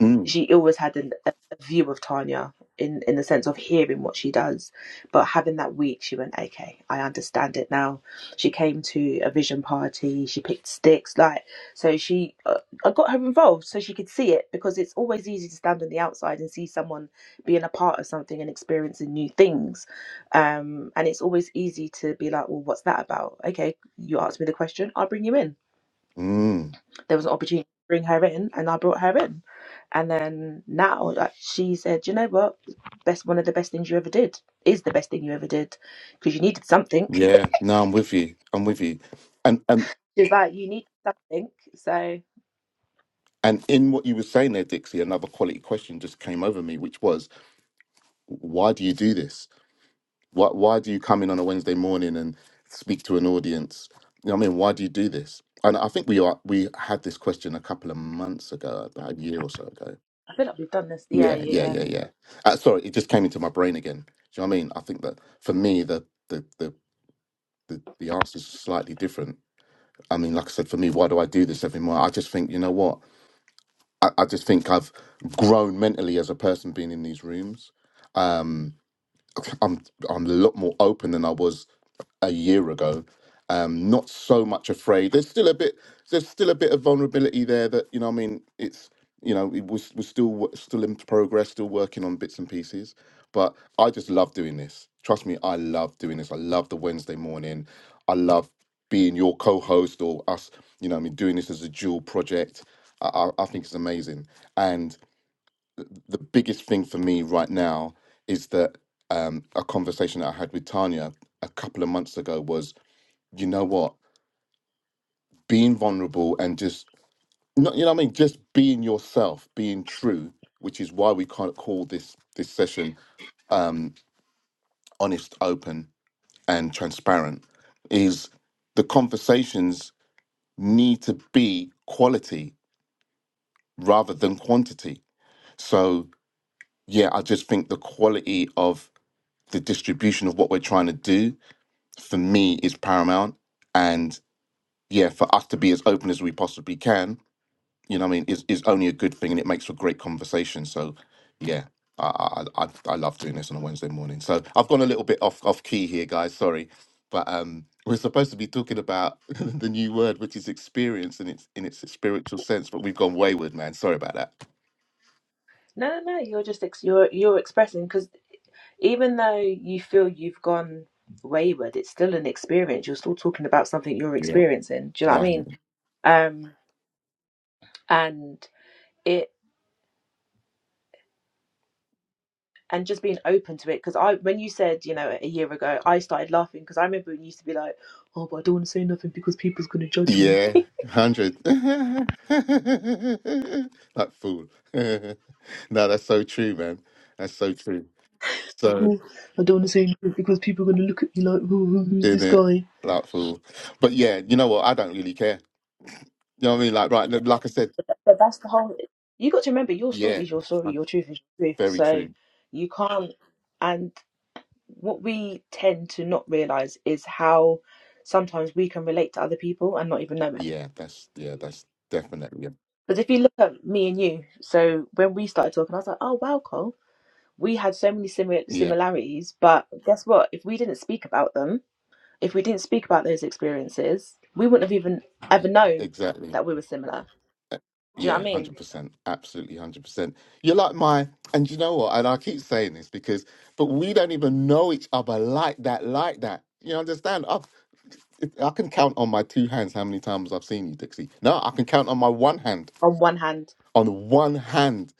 S2: mm,
S1: she always had an, a a view of Tanya in in the sense of hearing what she does, but having that week, she went, okay, I understand it now. She came to a vision party. She picked sticks, like so. She uh, I got her involved so she could see it because it's always easy to stand on the outside and see someone being a part of something and experiencing new things, um, and it's always easy to be like, well, what's that about? Okay, you asked me the question, I'll bring you in
S2: mm.
S1: there was an opportunity to bring her in and I brought her in. And then now like, she said, you know what? Best one of the best things you ever did is the best thing you ever did because you needed something.
S2: Yeah, no, I'm with you. I'm with you. And and
S1: She's like, you need something. So I
S2: and in what you were saying there, Dixie, another quality question just came over me, which was, why do you do this? Why why do you come in on a Wednesday morning and speak to an audience? You know what I mean, why do you do this? And I think we are we had this question a couple of months ago, about a year or so ago.
S1: feel like we've done this. Yeah,
S2: Yeah,
S1: yeah,
S2: yeah,
S1: yeah.
S2: yeah, yeah. Uh, sorry, it just came into my brain again. Do you know what I mean? I think that for me, the the the the, the answer is slightly different. I mean, like I said, for me, why do I do this every morning? I just think, you know what? I, I just think I've grown mentally as a person being in these rooms. Um, I'm I'm a lot more open than I was a year ago. Um, not so much afraid. There's still a bit. There's still a bit of vulnerability there. That you know, what I mean, it's you know, it was we're still wo- still in progress, still working on bits and pieces. But I just love doing this. Trust me, I love doing this. I love the Wednesday morning. I love being your co-host or us. You know, what I mean, doing this as a dual project. I, I, I think it's amazing. and the biggest thing for me right now is that um, a conversation that I had with Tanya a couple of months ago was, you know what, being vulnerable and just not, you know what I mean, just being yourself, being true, which is why we can't call this this session um, honest, open, and transparent. Is the conversations need to be quality rather than quantity. So yeah, I just think the quality of the distribution of what we're trying to do for me is paramount and yeah for us to be as open as we possibly can you know what i mean is, is only a good thing and it makes for great conversation so yeah I, I i i love doing this on a wednesday morning so i've gone a little bit off off key here guys sorry but um we're supposed to be talking about the new word which is experience in its in its spiritual sense but we've gone wayward man sorry about that
S1: No, no, no. You're just ex- you're you're expressing because even though you feel you've gone wayward, it's still an experience. You're still talking about something you're
S2: Yeah.
S1: experiencing. Do you know what I
S2: no
S1: mean? Um, and it. and just being open to it because i when you said you know a year ago i started laughing because i remember when used to be like oh but i don't want to say nothing because people's going to judge me
S2: Yeah, hundred. That fool. No, that's so true, man. That's so true. So
S1: oh, i don't want to say nothing because people are going to look at me like who, who, who's
S2: in
S1: this
S2: it,
S1: guy
S2: that fool. But yeah, you know what? I don't really care. You know what I mean? Like right, like I said,
S1: but that's the whole you got to remember your story
S2: yeah,
S1: is your story
S2: uh,
S1: your truth is your truth
S2: very
S1: so
S2: true.
S1: you can't and what we tend to not realize is how sometimes we can relate to other people and not even know it
S2: Yeah, that's yeah, that's definitely yeah,
S1: because if you look at me and you so when we started talking i was like oh wow Cole we had so many simi-
S2: yeah,
S1: similarities, but guess what? If we didn't speak about them, if we didn't speak about those experiences, we wouldn't have even ever known
S2: exactly.
S1: that we were similar.
S2: Uh,
S1: Do you know what I
S2: Yeah,
S1: mean?
S2: 100%. Absolutely 100%. You're like my, and you know what? And I keep saying this because, but we don't even know each other like that, like that. You understand? I've, I can count on my two hands how many times I've seen you, Dixie. No, I can count on my one hand,
S1: On one hand,
S2: on one hand.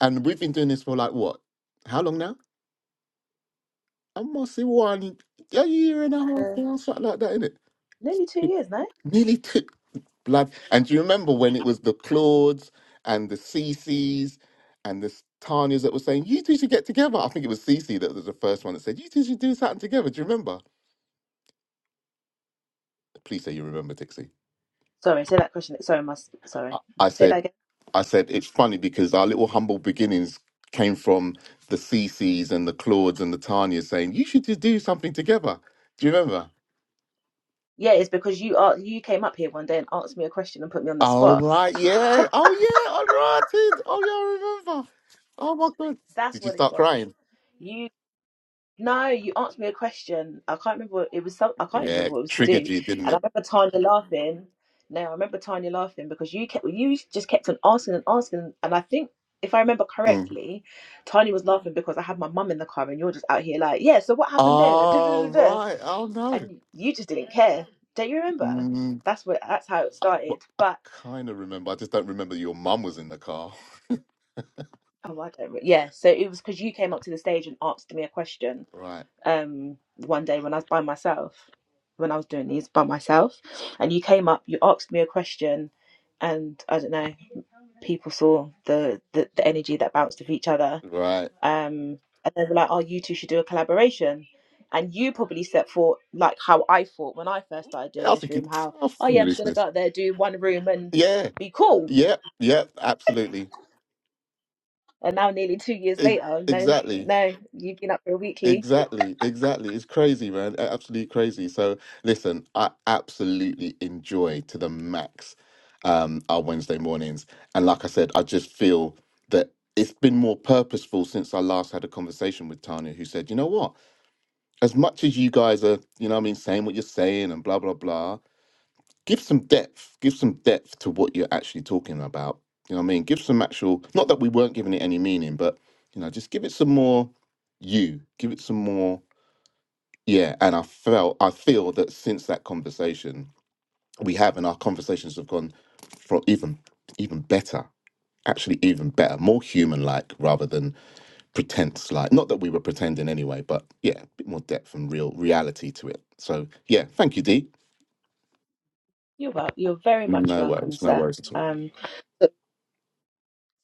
S2: And we've been doing this for like what? How long now? I must say one, a year and a half,
S1: uh,
S2: or something like that, isn't
S1: nearly two
S2: it?
S1: years, no?
S2: Nearly two. blood. And do you remember when it was the Claudes and the Cece's and the S- Tanyas that were saying, you two should get together? I think it was Cece that was the first one that said, you two should do something together. Do you remember? Please say you remember, Dixie.
S1: Sorry, say that question. Sorry, must sorry.
S2: I I
S1: Say that
S2: said,
S1: again.
S2: I said, it's funny because our little humble beginnings came from the Cece's and the Claudes and the Tanyas saying, you should just do something together. Do you remember?
S1: Yeah, it's because you are you came up here one day and asked me a question and put me on the
S2: Oh,
S1: spot.
S2: right, yeah. Oh, yeah, I rotted. Oh, yeah, I remember. Oh, my God.
S1: That's
S2: Did you
S1: what it
S2: start
S1: was.
S2: crying?
S1: You. No, you asked me a question. I can't remember what it was. Some, I can't even
S2: Yeah,
S1: remember what
S2: it
S1: it was to
S2: triggered
S1: do.
S2: you, didn't
S1: And
S2: it?
S1: I remember Tanya laughing. No, I remember Tanya laughing because you kept you just kept on asking and asking. And I think if I remember
S2: Mm.
S1: correctly, Tanya was laughing because I had my mum in the car and you're just out here like, yeah. So what happened then? And da, da, da,
S2: Oh,
S1: da.
S2: right. Oh, no.
S1: and you just didn't care. Don't you remember?
S2: Mm,
S1: That's what. That's how it
S2: I,
S1: started.
S2: well, I
S1: But
S2: kind of remember. I just don't remember your mum was in the car.
S1: oh, I don't. re- Yeah. So it was because you came up to the stage and asked me a question
S2: Right.
S1: um one day when I was by myself, when I was doing these by myself, and you came up, you asked me a question, and I don't know, people saw the the, the energy that bounced off each other,
S2: Right.
S1: um, and they were like, "Oh, you two should do a collaboration." And you probably set for like how I thought when I first started doing
S2: Yeah, I
S1: this
S2: think
S1: room,
S2: it,
S1: how
S2: oh,
S1: oh yeah, I'm just gonna go
S2: foolishness.
S1: out there, do one room, and
S2: Yeah.
S1: be cool.
S2: Yep. Yep. Absolutely.
S1: And now, nearly two years
S2: E-
S1: later, no,
S2: exactly.
S1: no, you've been up for a weekly.
S2: Exactly, exactly. It's crazy, man. A- Absolutely crazy. So listen, I absolutely enjoy to the max um our Wednesday mornings. And like I said, I just feel that it's been more purposeful since I last had a conversation with Tanya, who said, you know what? As much as you guys are, you know what I mean, saying what you're saying and blah blah blah, give some depth. Give some depth to what you're actually talking about. You know what I mean? Give some actual not that we weren't giving it any meaning, but you know, just give it some more you. Give it some more yeah, and I felt I feel that since that conversation we have, and our conversations have gone from even even better, actually even better, more human like rather than pretense like. Not that we were pretending anyway, but yeah, a bit more depth and real reality to it. So yeah, thank you, D.
S1: You're well, you're very much
S2: No
S1: welcome,
S2: worries, no
S1: sir.
S2: worries at all.
S1: Um, so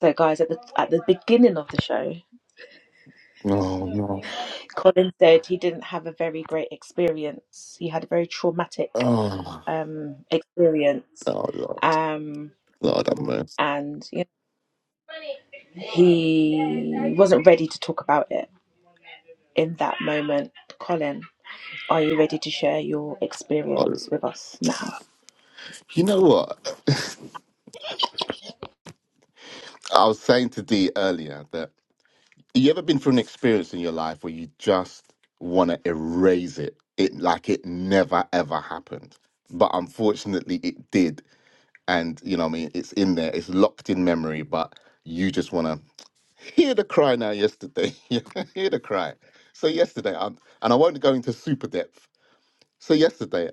S1: So, guys, at the at the beginning of the show,
S2: Oh no,
S1: Colin said he didn't have a very great experience. He had a very traumatic
S2: oh,
S1: um, experience,
S2: oh Lord,
S1: um,
S2: Lord have mercy.
S1: and you know, he wasn't ready to talk about it in that moment. Colin, are you ready to share your
S2: Oh,
S1: experience with us now?
S2: you know what? I was saying to D earlier that. you ever been through an experience in your life where you just want to erase it it like it never ever happened but unfortunately it did and you know what i mean it's in there it's locked in memory but you just want to hear the cry now yesterday You can hear the cry so yesterday i and i won't go into super depth so yesterday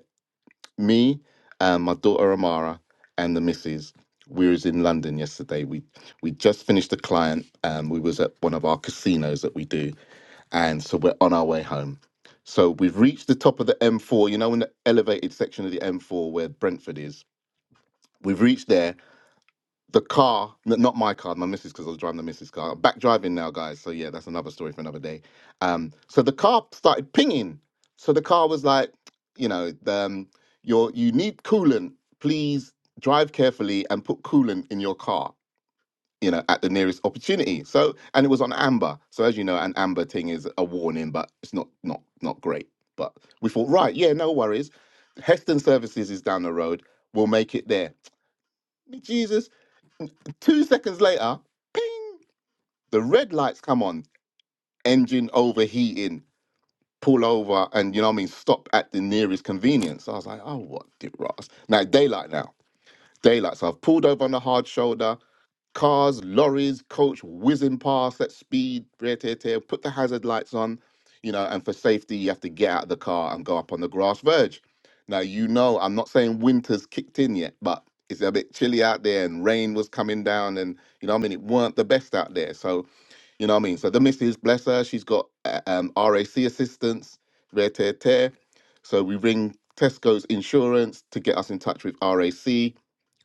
S2: me and my daughter amara and the missus we was in london yesterday we we just finished a client um we was at one of our casinos that we do and so we're on our way home. So we've reached the top of the M4, you know, in the elevated section of the M4 where Brentford is. We've reached there. The car, n- not my car, my missus, because I was driving the missus' car. I'm back driving now, guys. So yeah, that's another story for another day. Um, so the car started pinging. So the car was like, you know, the, um, your you need coolant. Please drive carefully and put coolant in your car you know, at the nearest opportunity. So, and it was on amber. So, as you know, an amber thing is a warning, but it's not not not great. But we thought, right, yeah, no worries. Heston Services is down the road. We'll make it there. Jesus! Two seconds later, ping! The red lights come on. Engine overheating. Pull over, and you know what I mean. Stop at the nearest convenience. I was like, oh, what did Ross? Now daylight now. Daylight. So I've pulled over on the hard shoulder. Cars, lorries, coach whizzing past at speed, rear tear, tear, put the hazard lights on, you know, and for safety, you have to get out of the car and go up on the grass verge. Now, you know, I'm not saying winter's kicked in yet, but it's a bit chilly out there and rain was coming down and, you know what I mean? It weren't the best out there. So, you know what I mean? So the missus, bless her, she's got uh, um, RAC assistance, rear tear, tear. So we ring Tesco's insurance to get us in touch with RAC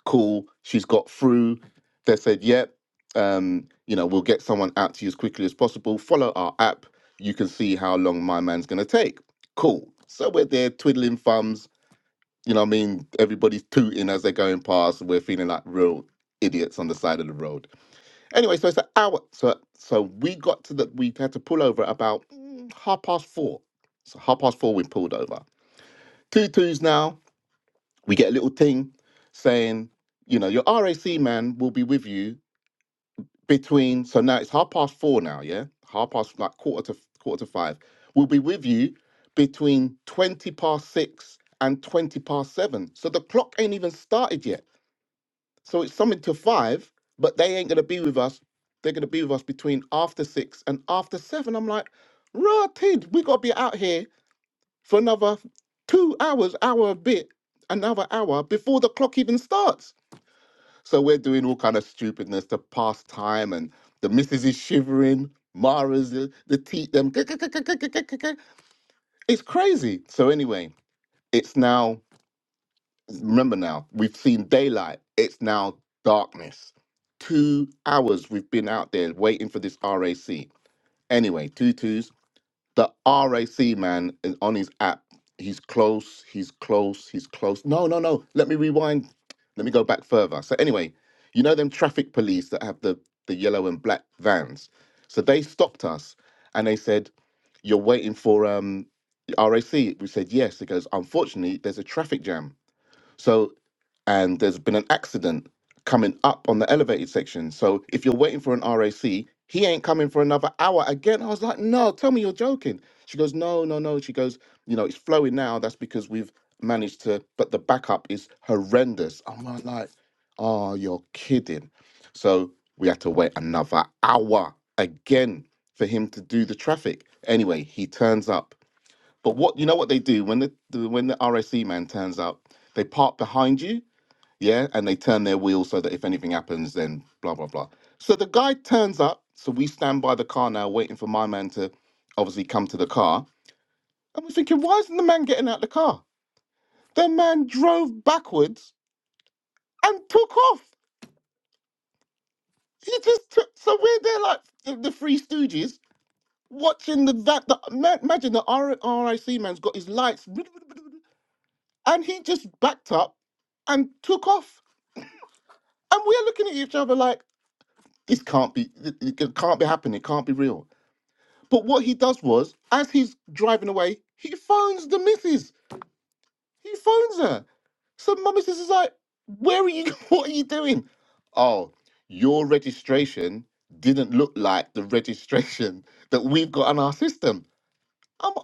S2: cool. She's got through. They said, yep, um, you know, we'll get someone out to you as quickly as possible. Follow our app. You can see how long my man's going to take. Cool. So we're there twiddling thumbs. You know what I mean? Everybody's tooting as they're going past. We're feeling like real idiots on the side of the road. Anyway, so it's an hour. So, so we got to the, we had to pull over at about mm, half past four. So half past four, we pulled over. Two twos now we get a little thing saying, you know, your RAC man will be with you between. So now it's half past four now, yeah, half past like quarter to quarter to five. We'll be with you between twenty past six and twenty past seven. So the clock ain't even started yet. So it's something to five, but they ain't gonna be with us. They're gonna be with us between after six and after seven. I'm like, rotted. We gotta be out here for another two hours, hour a bit, another hour before the clock even starts. So we're doing all kind of stupidness to pass time, and the missus is shivering. Mara's the, the teeth them. It's crazy. So anyway, it's now. Remember now, we've seen daylight. It's now darkness. Two hours we've been out there waiting for this RAC. Anyway, tutus the RAC man is on his app. He's close, he's close, he's close. No, no, no. Let me rewind. Let me go back further. So anyway, you know them traffic police that have the, the yellow and black vans. So they stopped us and they said, You're waiting for um RAC. We said yes. It goes, unfortunately, there's a traffic jam. So and there's been an accident coming up on the elevated section. So if you're waiting for an RAC, he ain't coming for another hour again. I was like, no, tell me you're joking. She goes, no, no, no. She goes, you know, it's flowing now. That's because we've managed to, but the backup is horrendous. I'm like, like, oh, you're kidding. So we had to wait another hour again for him to do the traffic. Anyway, he turns up. But what you know what they do when the the- when the RAC man turns up, they park behind you yeah, and they turn their wheels so that if anything happens, then blah blah blah. So the guy turns up, so we stand by the car now, waiting for my man to obviously come to the car, and we're thinking, why isn't the man getting out the car? The man drove backwards and took off. He just took. So we're there like the, the Three Stooges watching the that. The, ma- imagine the R, RIC man's got his lights, and he just backed up and took off. And we're looking at each other like, this can't be, it it can't be happening. It can't be real. But what he does was, as he's driving away, he phones the missus. He phones her. So my missus is like, where are you? What are you doing? Oh, your registration didn't look like the registration that we've got on our system. I'm,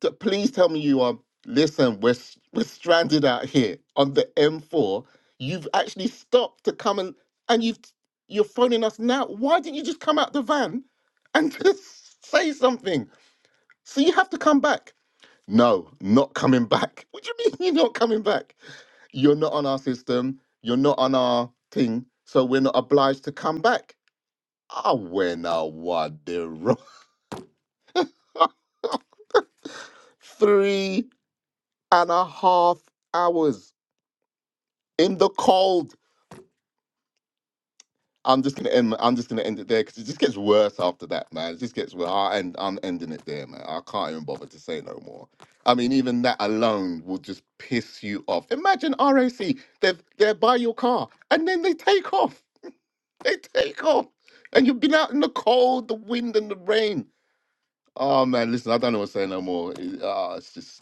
S2: t- please tell me you are, listen, we're, s- we're stranded out here on the M4. You've actually stopped to come and, and you've, you're phoning us now. Why didn't you just come out the van and just say something? So you have to come back. No, not coming back. What do you mean you're not coming back? You're not on our system. You're not on our thing. So we're not obliged to come back. I went a what the ro- three and a half hours in the cold. I'm just gonna end. I'm just gonna end it there because it just gets worse after that, man. It just gets worse. I end, I'm ending it there, man. I can't even bother to say no more. I mean, even that alone will just piss you off. Imagine RAC. They're they're by your car and then they take off. They take off, and you've been out in the cold, the wind, and the rain. Oh man, listen, I don't know what to say no more. It, ah, it's just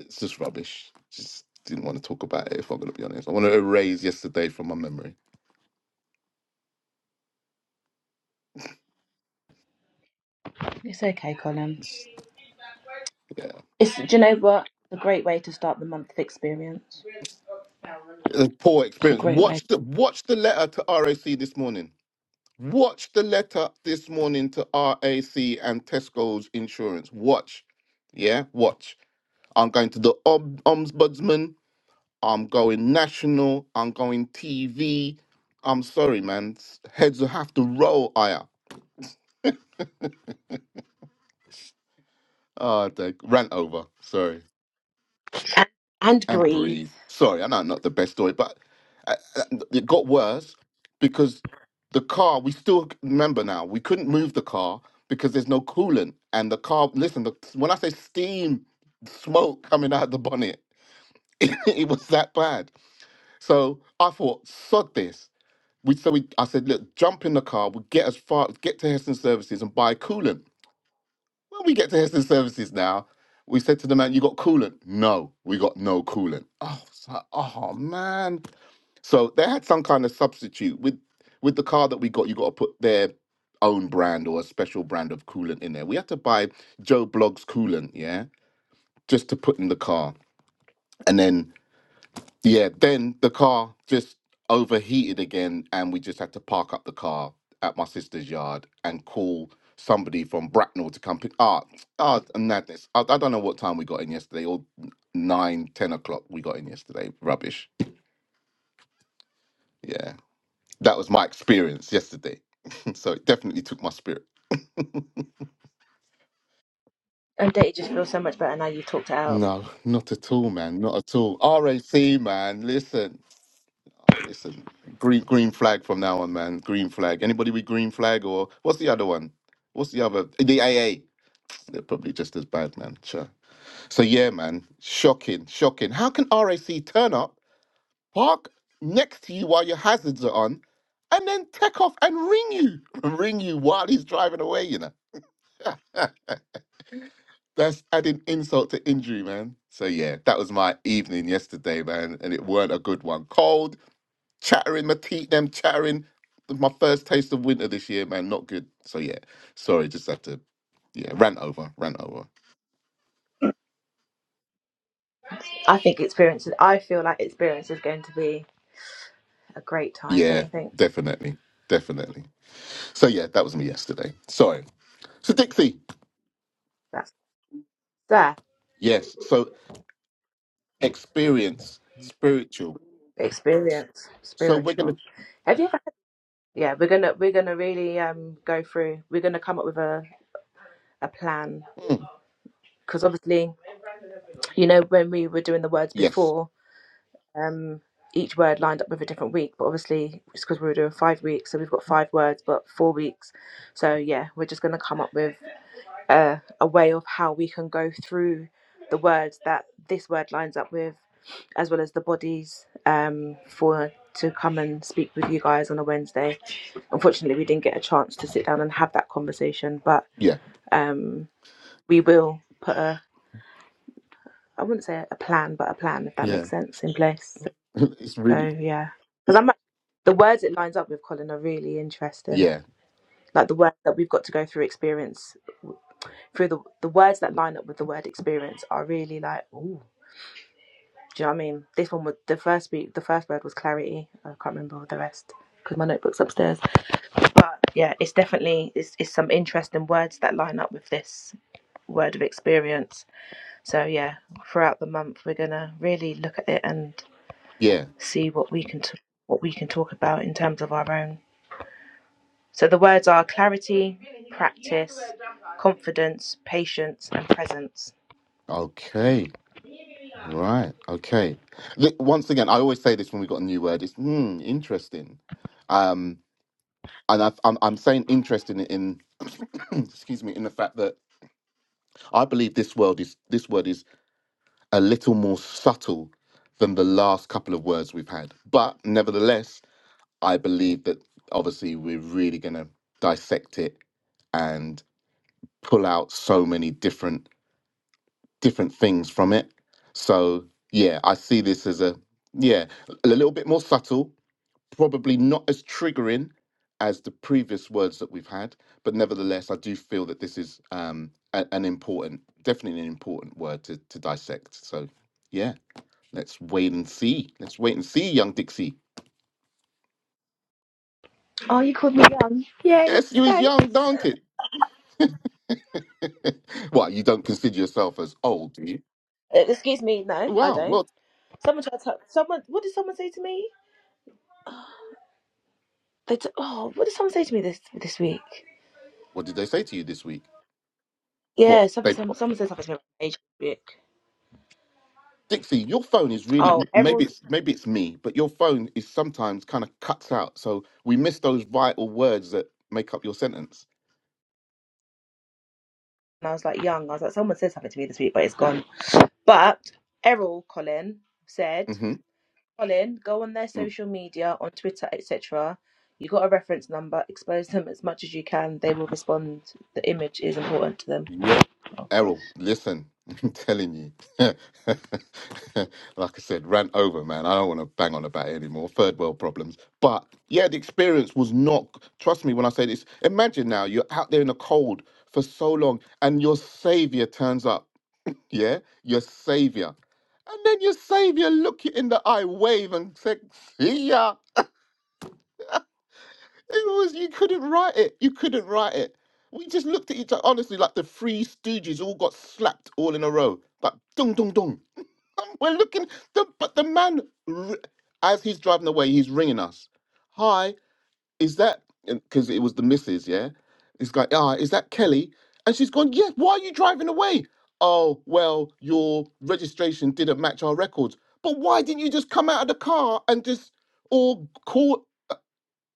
S2: it's just rubbish. Just didn't want to talk about it. If I'm gonna be honest, I want to erase yesterday from my memory.
S1: It's okay, Colin.
S2: It's- yeah.
S1: It's do you know what? It's a great way to start the month of experience.
S2: a poor
S1: It's a
S2: experience.
S1: great way.
S2: Watch the watch the letter to RAC this morning. Watch the letter this morning to RAC and Tesco's insurance. Watch. Yeah, watch. I'm going to the om- ombudsman. I'm going national. I'm going TV. I'm sorry, man. S- Heads will have to roll, Aya. Uh, the rant over. Sorry.
S1: and, and
S2: and
S1: breathe.
S2: breathe. Sorry, I know not the best story, but uh, uh, it got worse because the car. We still remember now. We couldn't move the car because there's no coolant, and the car. Listen, the, when I say steam, smoke coming out the bonnet, it was that bad. So I thought, sod this. We so we. I said, look, jump in the car. We'll get as far, get to Heston Services and buy coolant. When we get to Heston Services now, we said to the man, "You got coolant?" No, we got no coolant. Oh, it's like, oh man. So they had some kind of substitute with with the car that we got. You got to put their own brand or a special brand of coolant in there. We had to buy Joe Blogg's coolant, yeah, just to put in the car, and then yeah, then the car just overheated again, and we just had to park up the car at my sister's yard and call somebody from Bracknell to come pick. Ah, ah, madness! I, I don't know what time we got in yesterday, or n- nine, ten o'clock we got in yesterday. Rubbish. Yeah, that was my experience yesterday. so it definitely took my spirit.
S1: And do just feel so much better now you've talked it out?
S2: No, not at all, man. Not at all. RAC, man. Listen. Listen, green green flag from now on, man. Green flag. Anybody with green flag or what's the other one? What's the other? The AA. They're probably just as bad, man. Sure. So yeah, man. Shocking, shocking. How can RAC turn up, park next to you while your hazards are on, and then take off and ring you, ring you while he's driving away? You know, that's adding insult to injury, man. So yeah, that was my evening yesterday, man, and it weren't a good one. Cold chattering, my teeth, them chattering. My first taste of winter this year, man, not good. So yeah, sorry, just have to yeah, rant over, rant over.
S1: I think experience. I feel like experience is going to be a great time. Don't
S2: Yeah,
S1: you think?
S2: definitely, definitely. So yeah, that was me yesterday. Sorry. So Dixie,
S1: That's there.
S2: yes. So experience, spiritual.
S1: Experience,
S2: So we're gonna.
S1: spiritual. Have you ever? yeah we're gonna we're gonna really um go through we're gonna come up with a, a plan
S2: Mm,
S1: because obviously you know when we were doing the words
S2: yes.
S1: before um each word lined up with a different week but obviously it's because we were doing five weeks so we've got five words but four weeks so yeah we're just gonna come up with a, a way of how we can go through the words that this word lines up with, as well as the bodies um, for to come and speak with you guys on a Wednesday. Unfortunately, we didn't get a chance to sit down and have that conversation, but
S2: Yeah.
S1: um, we will put a I wouldn't say a plan, but a plan if that
S2: Yeah.
S1: makes sense in place.
S2: it's really.
S1: So yeah, because I'm the words it lines up with Colin are really interesting.
S2: Yeah.
S1: Like the words that we've got to go through experience through the the words that line up with the word experience are really like ooh. Do you know what I mean? This one was the first week. The first word was clarity. I can't remember the rest because my notebook's upstairs. But yeah, it's definitely it's, it's some interesting words that line up with this word of experience. So yeah, throughout the month we're gonna really look at it and
S2: Yeah.
S1: see what we can t- what we can talk about in terms of our own. So the words are clarity, practice, confidence, patience, and presence.
S2: Okay. Right. Okay. Li- Once again, I always say this when we got a new word. It's mm, interesting. Um. and I, I'm I'm saying interesting in excuse me in the fact that I believe this world is this word is a little more subtle than the last couple of words we've had, but nevertheless, I believe that obviously we're really going to dissect it and pull out so many different different things from it. So yeah, I see this as a yeah a little bit more subtle, probably not as triggering as the previous words that we've had, but nevertheless, I do feel that this is um, a- an important, definitely an important word to, to dissect. So, yeah, let's wait and see. Let's wait and see, young Dixie.
S1: Oh, you called me young. Yay!
S2: Yes, you is
S1: Thanks. Uh,
S2: young, don't it? well, you don't consider yourself as old, do you?
S1: Excuse me. No, I
S2: Wow.
S1: don't.
S2: Well,
S1: Someone tried to. Someone. What did someone say to me? They t- oh, what did someone say to me this this week?
S2: what did they say to you this week? What
S1: Yeah, someone
S2: they?
S1: someone, someone said something to me about age this week.
S2: Dixie, your phone is
S1: Oh,
S2: really maybe
S1: Errol's.
S2: it's maybe it's me, but your phone is sometimes kind of cuts out, so we miss those vital words that make up your sentence.
S1: And I was like young. I was like, someone said something to me this week, but it's gone. But Errol Colin said,
S2: Mm-hmm.
S1: Colin, go on their
S2: Mm.
S1: social media, on Twitter, etc. You got a reference number. Expose them as much as you can. They will respond. The image is important to them.
S2: Yep,
S1: Oh gosh,
S2: Errol, listen, I'm telling you, like I said, rant over, man. I don't want to bang on about it anymore. Third world problems, but yeah, the experience was not. Trust me when I say this. Imagine now you're out there in the cold for so long, and your savior turns up yeah, your savior. And then your savior look you in the eye, wave and say, see ya. It was you couldn't write it. You couldn't write it. We just looked at each other honestly like the three stooges all got slapped all in a row. Like dong, dong, dong. And We're looking the, but the man r- as he's driving away, he's ringing us. Hi is that because it was the missus yeah it's like ah is that kelly and she's gone yes why are you driving away oh well your registration didn't match our records but why didn't you just come out of the car and just or call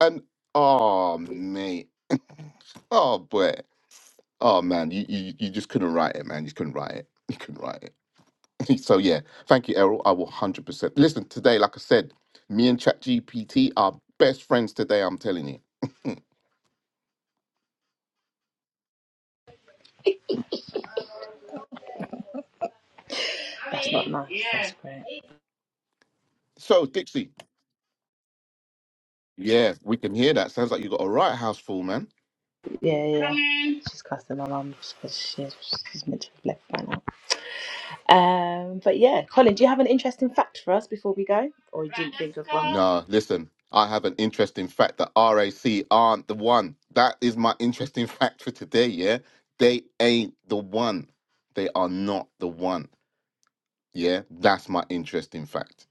S2: and oh mate oh boy oh man you, you you just couldn't write it man you couldn't write it you couldn't write it so yeah thank you errol i will 100% listen today like i said me and ChatGPT are best friends today i'm telling you
S1: that's not nice. That's great.
S2: so dixie Yeah, we can hear that. Sounds like you got a right house full, man.
S1: Yeah, yeah. She's cussing my mum because she's, she's meant to have left by now. Um, but yeah, Colin, do you have an interesting fact for us before we go? Or you didn't think of one?
S2: No, listen, I have an interesting fact that RAC aren't the one. That is my interesting fact for today, yeah? They ain't the one. They are not the one. Yeah, that's my interesting fact.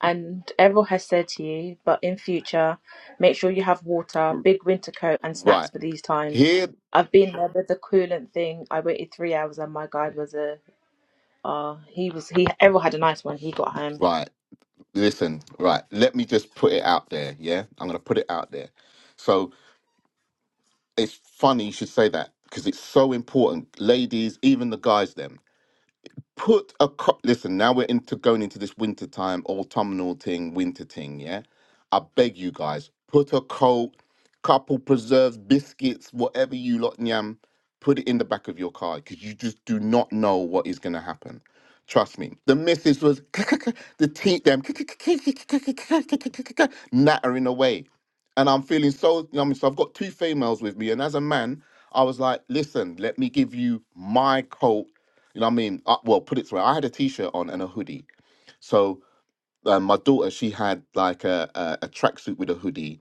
S1: And Errol has said to you, but in future, make sure you have water, big winter coat, and snacks
S2: Right.
S1: for these times.
S2: Here,
S1: I've been there with the coolant thing. I waited three hours, and my guide was a. Uh, he was he. Errol had a nice one. He got home,
S2: right. Listen, right. Let me just put it out there, yeah? I'm going to put it out there. So it's funny you should say that because it's so important. Ladies, even the guys, them. put a cup. Listen, now we're into going into this winter time, autumnal thing, winter thing. Yeah, I beg you guys, put a coat, couple preserves, biscuits, whatever you lot yam, put it in the back of your car because you just do not know what is going to happen. Trust me. The missus was the teeth them nattering away, and I'm feeling so. I mean, so I've got two females with me, and as a man, I was like, listen, let me give you my coat you know what I mean? Uh, well, put it through. I had a t-shirt on and a hoodie. So um, my daughter, she had like a a, a tracksuit with a hoodie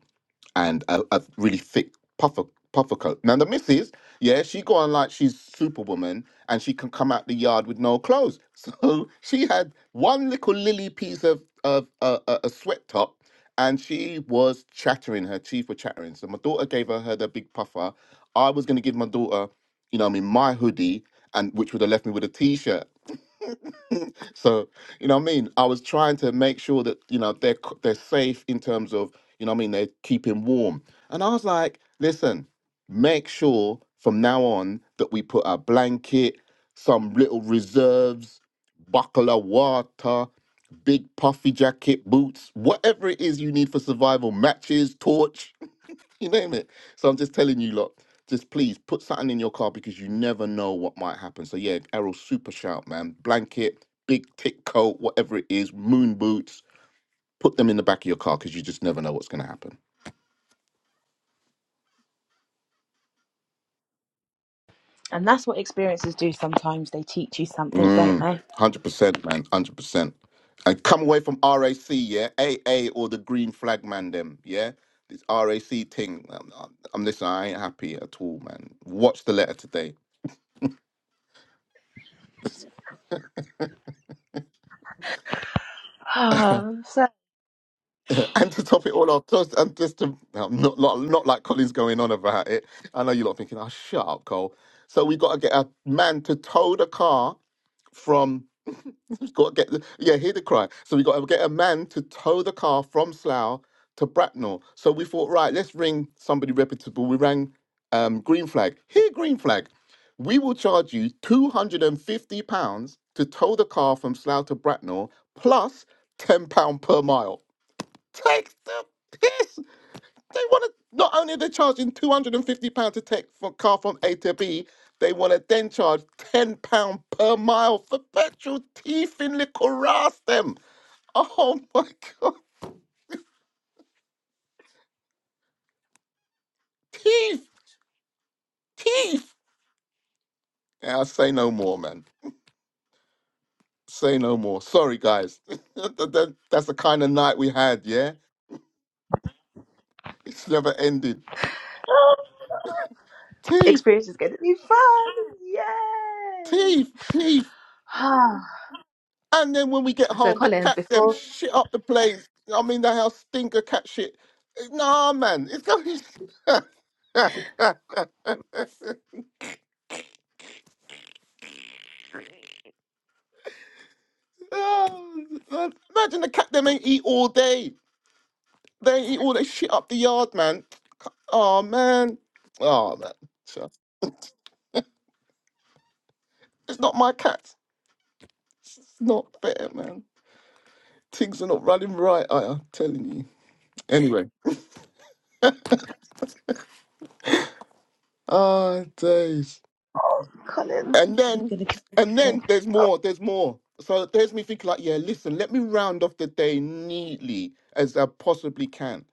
S2: and a, a really thick puffer puffer coat. Now the missus, yeah, she go on like she's Superwoman and she can come out the yard with no clothes. So she had one little lily piece of of uh, a, a sweat top. And she was chattering, her teeth were chattering. So my daughter gave her, her the big puffer. I was gonna give my daughter, you know, what I mean, my hoodie, and which would have left me with a t-shirt. So, you know what I mean? I was trying to make sure that, you know, they're c- they're safe in terms of, you know what I mean, they're keeping warm. And I was like, listen, make sure from now on that we put a blanket, some little reserves, buckle of water, big puffy jacket, boots, whatever it is you need for survival, matches, torch, you name it. So I'm just telling you, lot, just please put something in your car because you never know what might happen. So yeah, Errol, super shout, man. Blanket, big thick coat, whatever it is, moon boots. Put them in the back of your car because you just never know what's going to happen.
S1: and that's what experiences do. Sometimes they teach you something, don't
S2: Mm,
S1: they?
S2: 100%, man. 100%. And come away from RAC, yeah? AA or the green flag, man, them, yeah? This RAC thing. I'm, I'm, I'm listening, I ain't happy at all, man. Watch the letter today.
S1: Oh, so
S2: and to top it all off, just and just to no, not, not not like Colin's going on about it. I know you're not thinking, "Oh, shut up, Cole." So we got to get a man to tow the car from. we've Got to get the- yeah, hear the cry. So we got to get a man to tow the car from Slough to Bracknell. So we thought, right, let's ring somebody reputable. We rang um, Green Flag. Here, Green Flag, we will charge you two hundred and fifty pounds to tow the car from Slough to Bracknell, plus ten pound per mile. Take the piss. They want to, not only are they charging £250 to take for car from A to B, they want to then charge £10 per mile for petrol. Teeth in little ass them. Oh my God. Teeth, teeth. Yeah, I'll say no more, man. Say no more. Sorry, guys. That- that- That's the kind of night we had, yeah? It's never ended. Teeth,
S1: experience is going to be fun! Yay!
S2: teeth, teeth. And then when we get
S1: So,
S2: home, the
S1: Colin,
S2: cat them
S1: before
S2: shit up the place. I mean, the house stink of cat shit. Nah, man, it's going. Oh, God. Imagine the cat them ain't eat all day. They ain't eat all that shit up the yard, man. Oh man, oh man. So, It's not my cat. It's not fair, man. Things are not running right. I am telling you. Anyway, ah days.
S1: oh, Colin,
S2: And
S1: I'm
S2: then,
S1: gonna get
S2: and
S1: it.
S2: then there's more, there's more. So there's me thinking like, yeah, listen, let me round off the day neatly as I possibly can.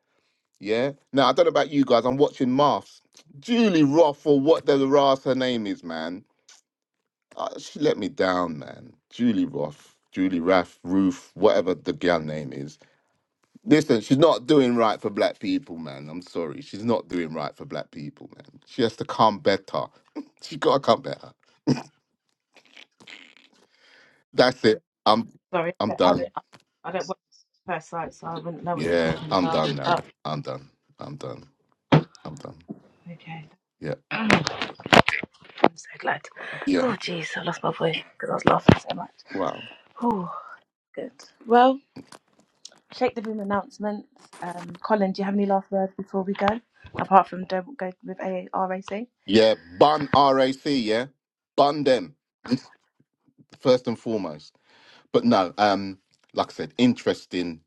S2: Yeah. Now I don't know about you guys. I'm watching Maths. Julie Roth or what the Ross her name is, man. Uh, she let me down, man. Julie Roth, Julie Rath, Ruth, whatever the girl name is. Listen, she's not doing right for black people, man. I'm sorry. She's not doing right for black people, man. She has to come better. she gotta come better. That's it. I'm
S1: Sorry,
S2: I'm
S1: I don't, I don't,
S2: done.
S1: I don't work at first sight, so I wouldn't know what you're
S2: Yeah,
S1: talking
S2: I'm
S1: about.
S2: done now.
S1: But
S2: I'm done. I'm done. I'm done.
S1: okay.
S2: Yeah.
S1: I'm so glad.
S2: Yeah.
S1: Oh, jeez, I lost my voice because I was laughing so much.
S2: Wow.
S1: Oh, good. Well, shake the room announcements. Um, Colin, do you have any last words before we go? Apart from don't go with AARAC.
S2: Yeah. Bun RAC, yeah? Bun them,
S1: Come on.
S2: first and foremost. but no, um, like I said, interesting,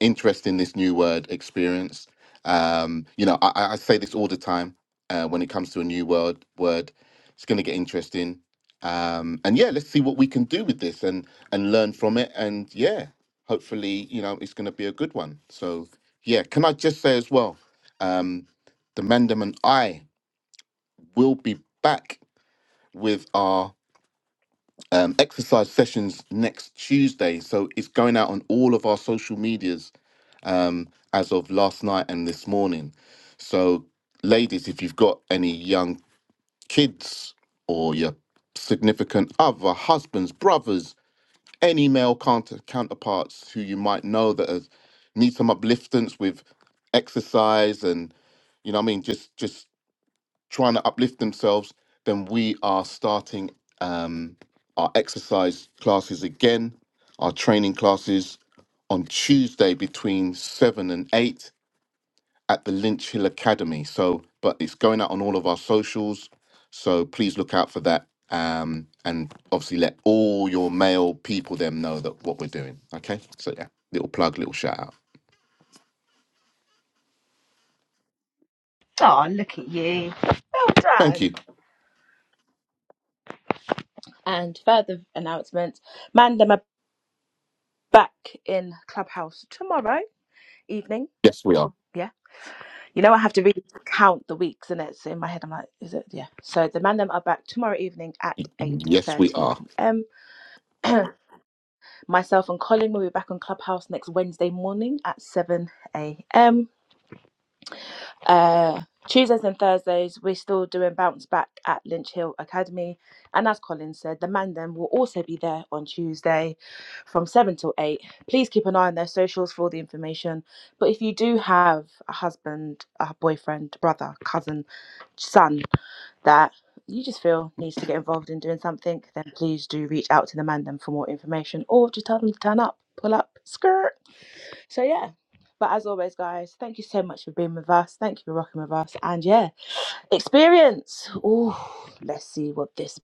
S2: interesting this new word experience. Um, you know, I, I I say this all the time uh, when it comes to a new word. Word, it's going to get interesting, um, and yeah, let's see what we can do with this and and learn from it. And yeah, hopefully, you know, it's going to be a good one. So yeah, can I just say as well, um, the Mandem and I will be back with our um, exercise sessions next Tuesday. So it's going out on all of our social medias um, as of last night and this morning. So, ladies, if you've got any young kids or your significant other, husbands, brothers, any male counter- counterparts who you might know that are, need some upliftance with exercise and, you know what I mean, just, just trying to uplift themselves, then we are starting um, our exercise classes again, our training classes on Tuesday between 7 and 8 at the Lynch Hill Academy. So, but it's going out on all of our socials. So please look out for that. Um, and obviously let all your male people them know that what we're doing. Okay. So yeah, little plug, little shout out.
S1: Oh, look at you. Well
S2: Thank
S1: done.
S2: you.
S1: And further announcements, Mandem are back in Clubhouse tomorrow evening.
S2: Yes, we are.
S1: Yeah. You know, I have to really count the weeks, and it's in my head. I'm like, is it? Yeah. So the Mandem are back tomorrow evening at
S2: Yes, we
S1: 8.30
S2: are.
S1: p.m. Myself and Colin will be back on Clubhouse next Wednesday morning at 7 a.m. Uh, Tuesdays and Thursdays, we're still doing bounce back at Lynch Hill Academy. And as Colin said, the man them will also be there on Tuesday from 7 till 8. Please keep an eye on their socials for all the information. But if you do have a husband, a boyfriend, brother, cousin, son that you just feel needs to get involved in doing something, then please do reach out to the man them for more information or just tell them to turn up, pull up, skirt. So yeah. But as always, guys, thank you so much for being with us. Thank you for rocking with us. And yeah, experience. Oh, let's see what this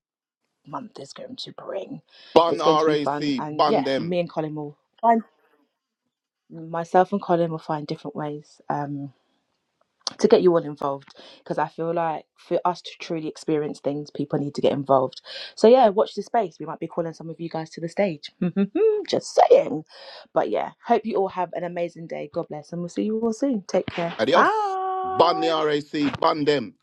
S1: month is going to bring.
S2: Bun
S1: It's going to be fun.
S2: RAC,
S1: And
S2: bun
S1: yeah,
S2: them.
S1: me and Colin will find myself and Colin will find different ways. Um to get you all involved because I feel like for us to truly experience things, people need to get involved. So yeah, watch this space. We might be calling some of you guys to the stage. Just saying. But yeah, hope you all have an amazing day. God bless, and we'll see you all soon. Take care.
S2: Adios. Ban the
S1: Bye.
S2: RAC, ban them.